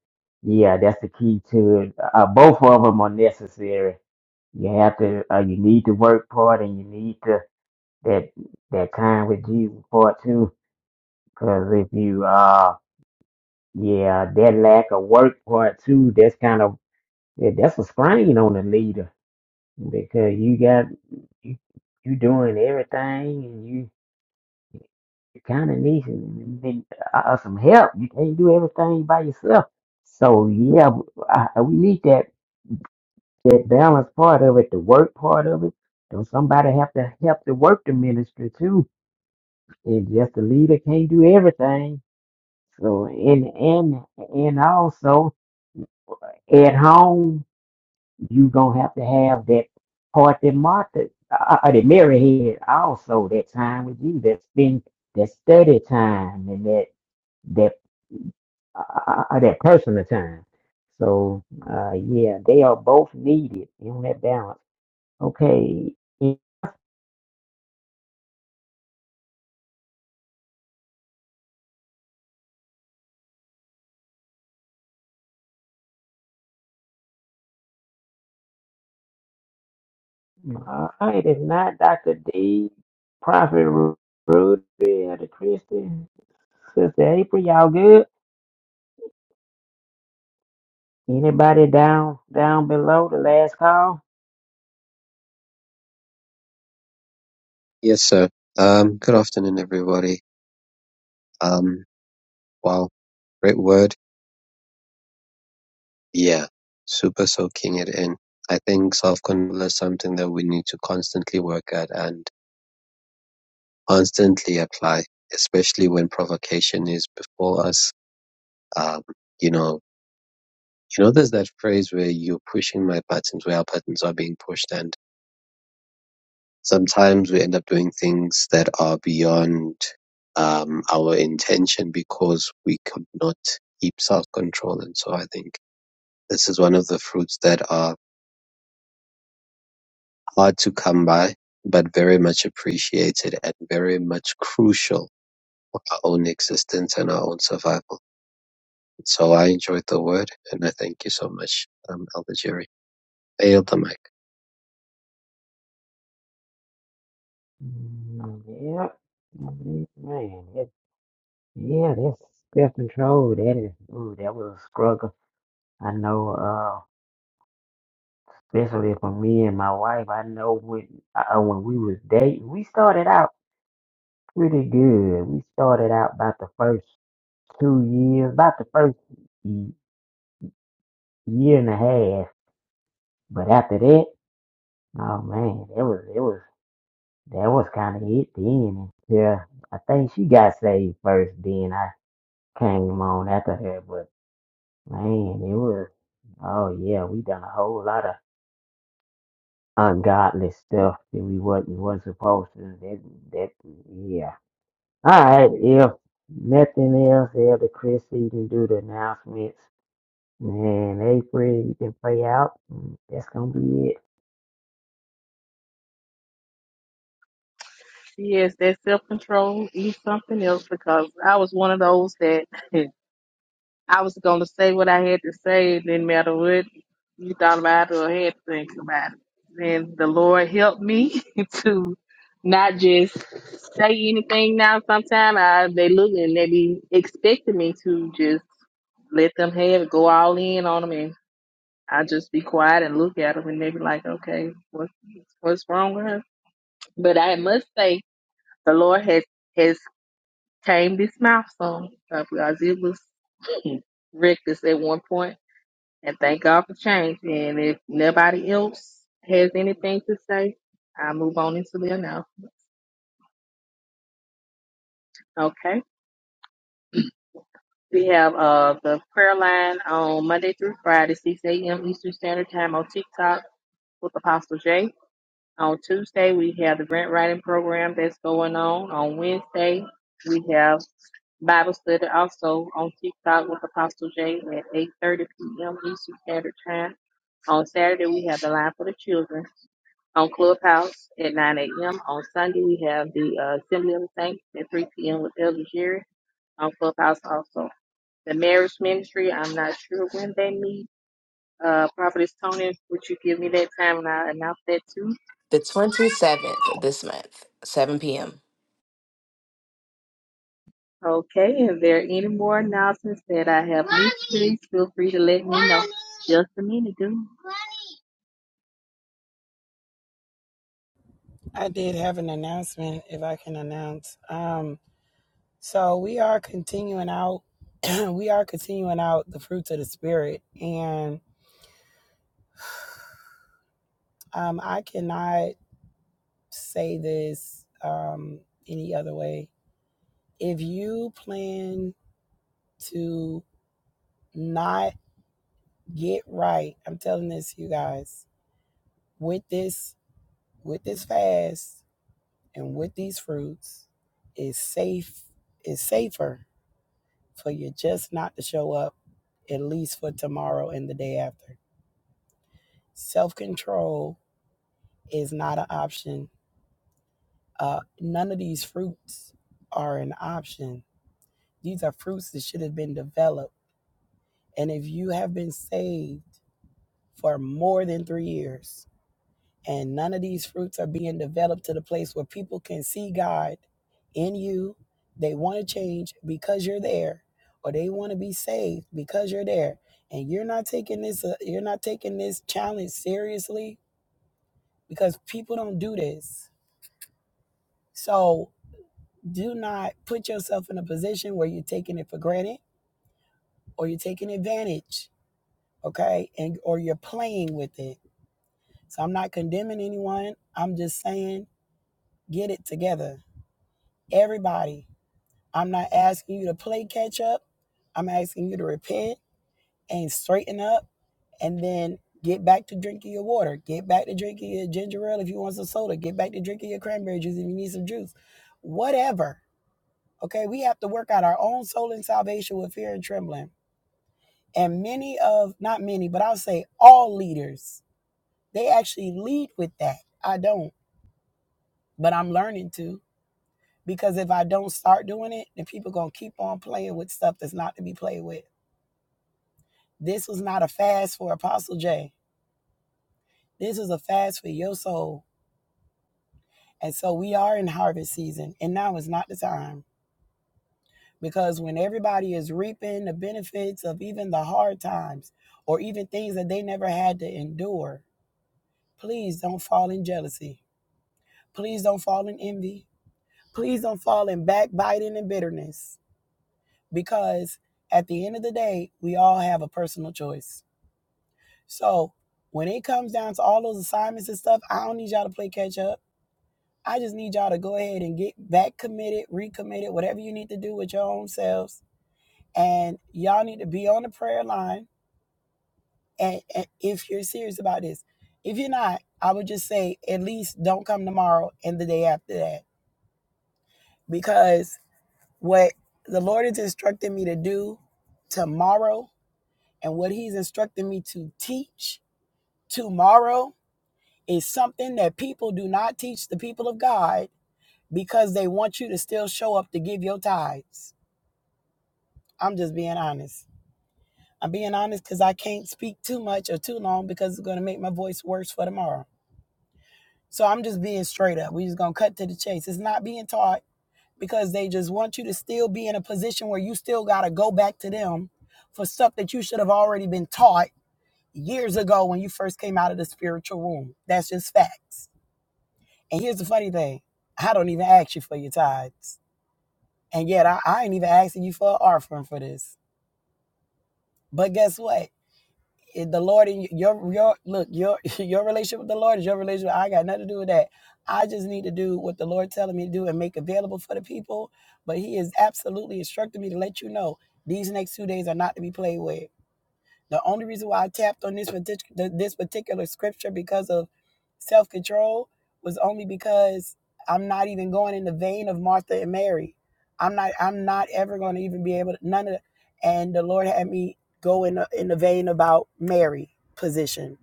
[SPEAKER 2] yeah, that's the key to it. Uh, both of them are necessary. You have to uh, you need the work part and you need to that that time with Jesus part too. Because if you uh yeah, that lack of work part too, that's kind of yeah, that's a strain on the leader because you got you, you doing everything You kind of need some, uh, some help. You can't do everything by yourself. So yeah, I, we need that that balance part of it, the work part of it. Don't somebody have to help to work the ministry too? And just the leader can't do everything. So and and and also at home, you gonna have to have that part that Martha, uh, uh, uh, that Mary had also that time with you, that spend that study time and that that uh, uh, that personal time. So uh, yeah, they are both needed on that balance. Okay, all right. If not, Doctor D, Prophet Ru- Rudy, Elder Christie, Sister April, y'all good? Anybody down down below the last call?
[SPEAKER 5] Yes, sir. Um, good afternoon, everybody. Um, wow, great word. Yeah, super soaking it in. I think self control is something that we need to constantly work at and constantly apply, especially when provocation is before us. Um, you know, you know, there's that phrase where you're pushing my buttons, where our buttons are being pushed, and sometimes we end up doing things that are beyond um, our intention because we could not keep self control. And so I think this is one of the fruits that are hard to come by, but very much appreciated and very much crucial for our own existence and our own survival. So I enjoyed the word and I thank you so much, um, Elder Jerry. I yield the mic.
[SPEAKER 2] Mm, Yeah, Mm, man, that, yeah, that's self control. That is, ooh, that was a struggle. I know. uh, especially for me and my wife. I know when uh, when we was dating, we started out pretty good. We started out about the first two years, about the first y- year and a half. But after that, oh man, it was it was that was kind of it then. Yeah, I think she got saved first, then I came on after her. But man, it was oh yeah, we done a whole lot of ungodly stuff that we wasn't was supposed to. That that yeah. All right, if nothing else, Elder Chris, you can do the announcements. And April, you can play out. Mm, That's gonna be it.
[SPEAKER 6] Yes, that self control is something else because I was one of those that I was going to say what I had to say, it didn't matter what you thought about it or had to think about it. And the Lord helped me to not just say anything now. Sometimes I, they look and they be expecting me to just let them have it, go all in on them, and I just be quiet and look at them, and they be like, okay, what's what's wrong with her? But I must say, the Lord has has. tame this mouthful so, because it was reckless at one point, And thank God for change. And if nobody else has anything to say, I move on into the announcement. Okay. We have uh, the prayer line on Monday through Friday, 6 a.m. Eastern Standard Time on TikTok with Apostle J. On Tuesday, we have the grant writing program that's going on. On Wednesday, we have Bible study also on TikTok with Apostle J at 8.30 p.m. Eastern Standard Time. On Saturday, we have the line for the children. On Clubhouse at 9 a.m. On Sunday, we have the uh, Assembly of the Saints at 3 p.m. with Elder Jerry. On Clubhouse also. The marriage ministry, I'm not sure when they meet. Uh, Prophetess Tony, would you give me that time and I'll announce that too?
[SPEAKER 4] The twenty seventh this month, seven p.m.
[SPEAKER 6] Okay, is there any more announcements that I have missed? Please feel free to let me know. Just a minute, dude.
[SPEAKER 1] I did have an announcement if I can announce. Um So we are continuing out. we are continuing out the fruits of the spirit, and um, I cannot say this um, any other way. If you plan to not get right, I'm telling this you guys with this with this fast and with these fruits is safe is safer for you just not to show up at least for tomorrow and the day after. Self control is not an option. Uh, none of these fruits are an option. These are fruits that should have been developed. And if you have been saved for more than three years and none of these fruits are being developed to the place where people can see God in you, they want to change because you're there, or they want to be saved because you're there, and you're not taking this, uh, you're not taking this challenge seriously because people don't do this. So do not put yourself in a position where you're taking it for granted or you're taking advantage okay and or you're playing with it so i'm not condemning anyone i'm just saying get it together everybody i'm not asking you to play catch up i'm asking you to repent and straighten up and then get back to drinking your water get back to drinking your ginger ale if you want some soda get back to drinking your cranberry juice if you need some juice whatever okay we have to work out our own soul and salvation with fear and trembling And many of, not many, but I'll say all leaders, they actually lead with that. I don't, but I'm learning to because if I don't start doing it, then people going to keep on playing with stuff that's not to be played with. This was not a fast for Apostle J. This was a fast for your soul. And so we are in harvest season, and now is not the time because when everybody is reaping the benefits of even the hard times or even things that they never had to endure, please don't fall in jealousy Please don't fall in envy. Please don't fall in backbiting and bitterness because at the end of the day, we all have a personal choice. So when it comes down to all those assignments and stuff, I don't need y'all to play catch up. I just need y'all to go ahead and get back committed, recommitted, whatever you need to do with your own selves. And y'all need to be on the prayer line. And, and if you're serious about this, if you're not, I would just say at least don't come tomorrow and the day after that because What the Lord is instructing me to do tomorrow and what He's instructing me to teach tomorrow is something that people do not teach the people of God because they want you to still show up to give your tithes. I'm just being honest. I'm being honest because I can't speak too much or too long because it's going to make my voice worse for tomorrow. So I'm just being straight up. We're just going to cut to the chase. It's not being taught because they just want you to still be in a position where you still got to go back to them for stuff that you should have already been taught years ago when you first came out of the spiritual room. That's just facts. And here's the funny thing I don't even ask you for your tithes. And yet, I, I ain't even asking you for an offering for this. But guess what? the Lord and your your look your your relationship with the Lord is your relationship. I got nothing to do with that. I just need to do what the Lord telling me to do and make available for the people. But He is absolutely instructing me to let you know these next two days are not to be played with. The only reason why I tapped on this particular this particular scripture because of self control was only because I'm not even going in the vein of Martha and Mary. I'm not I'm not ever going to even be able to none of the, and the Lord had me go in the, in the vein about Mary position.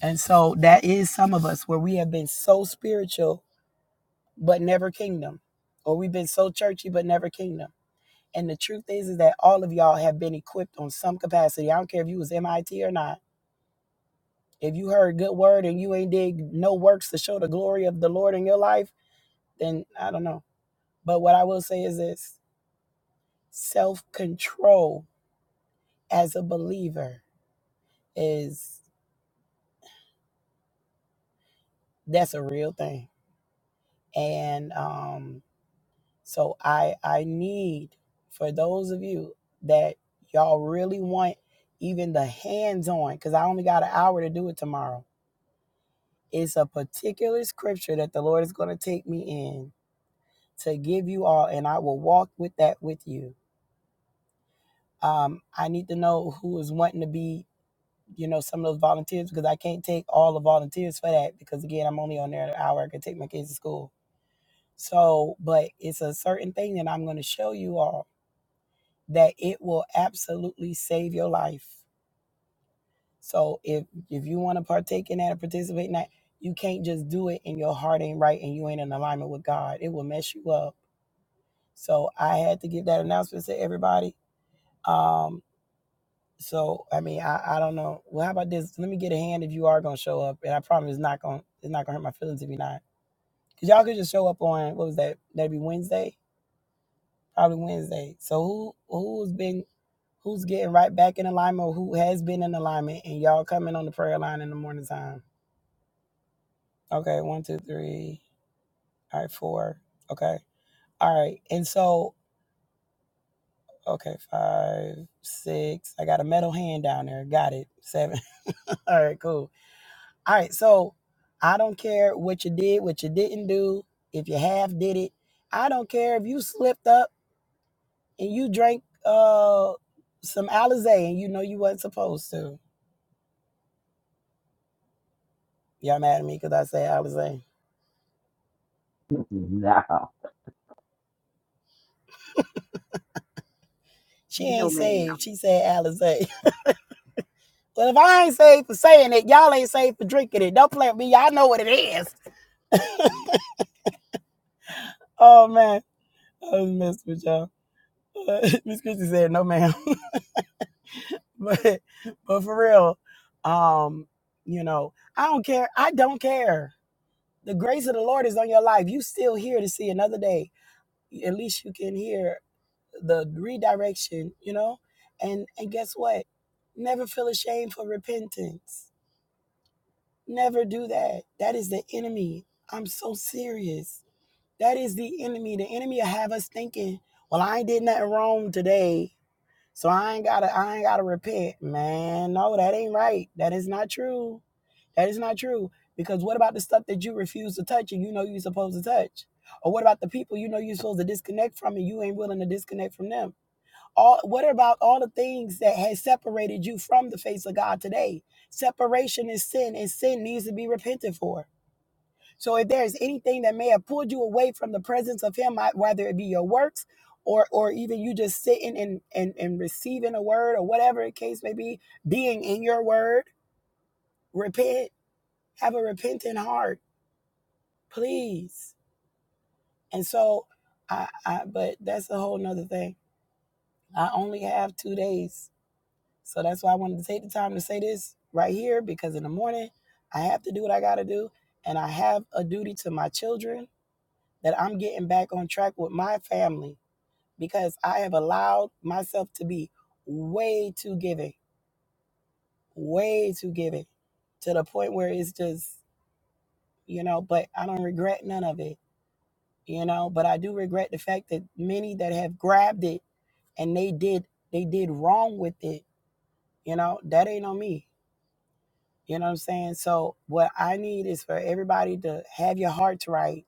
[SPEAKER 1] And so that is some of us where we have been so spiritual but never kingdom or we've been so churchy but never kingdom. And the truth is is that all of y'all have been equipped on some capacity. I don't care if you was MIT or not If you heard good word and you ain't did no works to show the glory of the Lord in your life, then I don't know. But what I will say is this self control as a believer is that's a real thing. And um, so I I need for those of you that y'all really want even the hands on, because I only got an hour to do it tomorrow. It's a particular scripture that the Lord is going to take me in to give you all, and I will walk with that with you Um, I need to know who is wanting to be, you know, some of those volunteers because I can't take all the volunteers for that because again, I'm only on there an hour. I can take my kids to school. So, but it's a certain thing that I'm going to show you all that it will absolutely save your life. So if if you want to partake in that or participate in that, you can't just do it and your heart ain't right and you ain't in alignment with God. It will mess you up. So I had to give that announcement to everybody. Um, So I mean, I, I don't know. Well, how about this? Let me get a hand if you are gonna show up, and I promise it's not gonna it's not gonna hurt my feelings if you're not. Cause y'all could just show up on what was that? That'd be Wednesday, probably Wednesday. So who who's been who's getting right back in alignment, or who has been in alignment, and y'all coming on the prayer line in the morning time? Okay, one, two, three. All right, four. Okay, all right. And so okay, five, six. I got a metal hand down there. Got it. Seven. all right, cool. All right, so I don't care what you did, what you didn't do, if you half did it. I don't care if you slipped up and you drank uh some Alizé and you know you wasn't supposed to. Y'all mad at me because I said Alizé.
[SPEAKER 2] No.
[SPEAKER 1] She
[SPEAKER 6] No,
[SPEAKER 1] ain't
[SPEAKER 6] ma'am.
[SPEAKER 1] saved. She said Alizé. Well, if I ain't saved for saying it, y'all ain't saved for drinking it. Don't play with me. Y'all know what it is. Oh man, I was messing with y'all. Miss Christie said, "No, ma'am." but but for real, um, you know, I don't care. I don't care. The grace of the Lord is on your life. You still here to see another day. At least you can hear the redirection, you know? And and guess what? Never feel ashamed for repentance. Never do that. That is the enemy. I'm so serious. That is the enemy. The enemy will have us thinking, well, I ain't did nothing wrong today. So I ain't gotta I ain't gotta repent, man. No, that ain't right. That is not true. That is not true. Because what about the stuff that you refuse to touch and you know you're supposed to touch? Or what about the people you know you're supposed to disconnect from and you ain't willing to disconnect from them? All what about all the things that has separated you from the face of God today? Separation is sin, and sin needs to be repented for. So if there is anything that may have pulled you away from the presence of Him, whether it be your works or or even you just sitting and and and receiving a word or whatever the case may be, being in your word, repent, have a repentant heart, please. And so, I, I but that's a whole nother thing. I only have two days, so that's why I wanted to take the time to say this right here because in the morning I have to do what I got to do, and I have a duty to my children that I'm getting back on track with my family because I have allowed myself to be way too giving, way too giving to the point where it's just, you know, but I don't regret none of it, you know, but I do regret the fact that many that have grabbed it and they did they did wrong with it, you know, that ain't on me. You know what I'm saying? So what I need is for everybody to have your hearts right,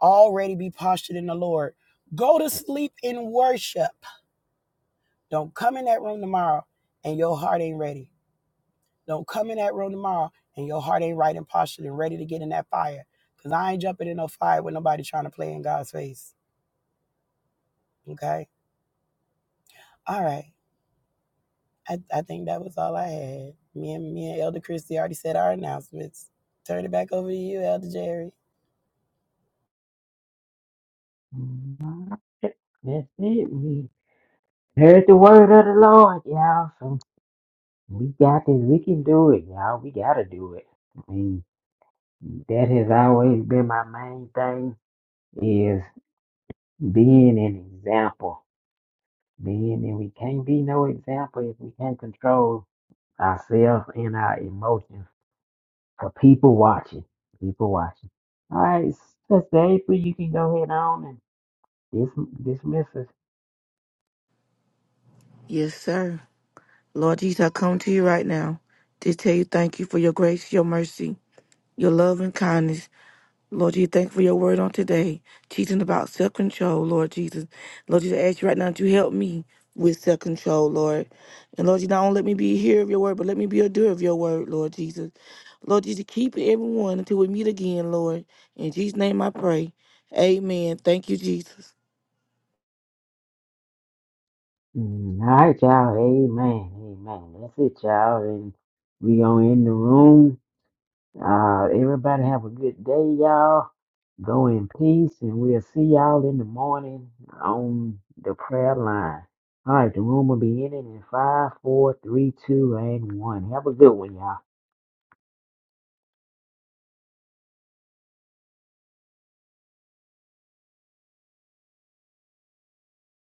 [SPEAKER 1] already be postured in the Lord. Go to sleep in worship Don't come in that room tomorrow and your heart ain't ready. Don't come in that room tomorrow and your heart ain't right and postured and ready to get in that fire. Cause I ain't jumping in no fire with nobody trying to play in God's face. Okay. All right. I, I think that was all I had. Me and me and Elder Christie already said our announcements. Turn it back over to you, Elder Jerry.
[SPEAKER 2] Mm, That's it. We heard the word of the Lord, y'all. So we got this. We can do it, y'all. We gotta do it. I mean, that has always been my main thing is being an example. Being and we can't be no example if we can't control ourselves and our emotions for people watching. People watching. All right, Sister April, you can go ahead on and dis- dismiss us.
[SPEAKER 7] Yes, sir. Lord Jesus, I come to you right now to tell you thank you for your grace, your mercy, your love and kindness. Lord Jesus, thank you for your word on today, teaching about self control, Lord Jesus. Lord Jesus, I ask you right now to help me with self control, Lord. And Lord Jesus, not only let me be a hearer of your word, but let me be a doer of your word, Lord Jesus. Lord Jesus, keep everyone until we meet again, Lord. In Jesus' name I pray. Amen. Thank you, Jesus.
[SPEAKER 2] Mm, All right, y'all. Amen. Amen. That's it, y'all. And we gonna end the room. Uh, everybody have a good day, y'all. Go in peace, and we'll see y'all in the morning on the prayer line. All right, the room will be ending in five, four, three, two, and one. Have a good one, y'all.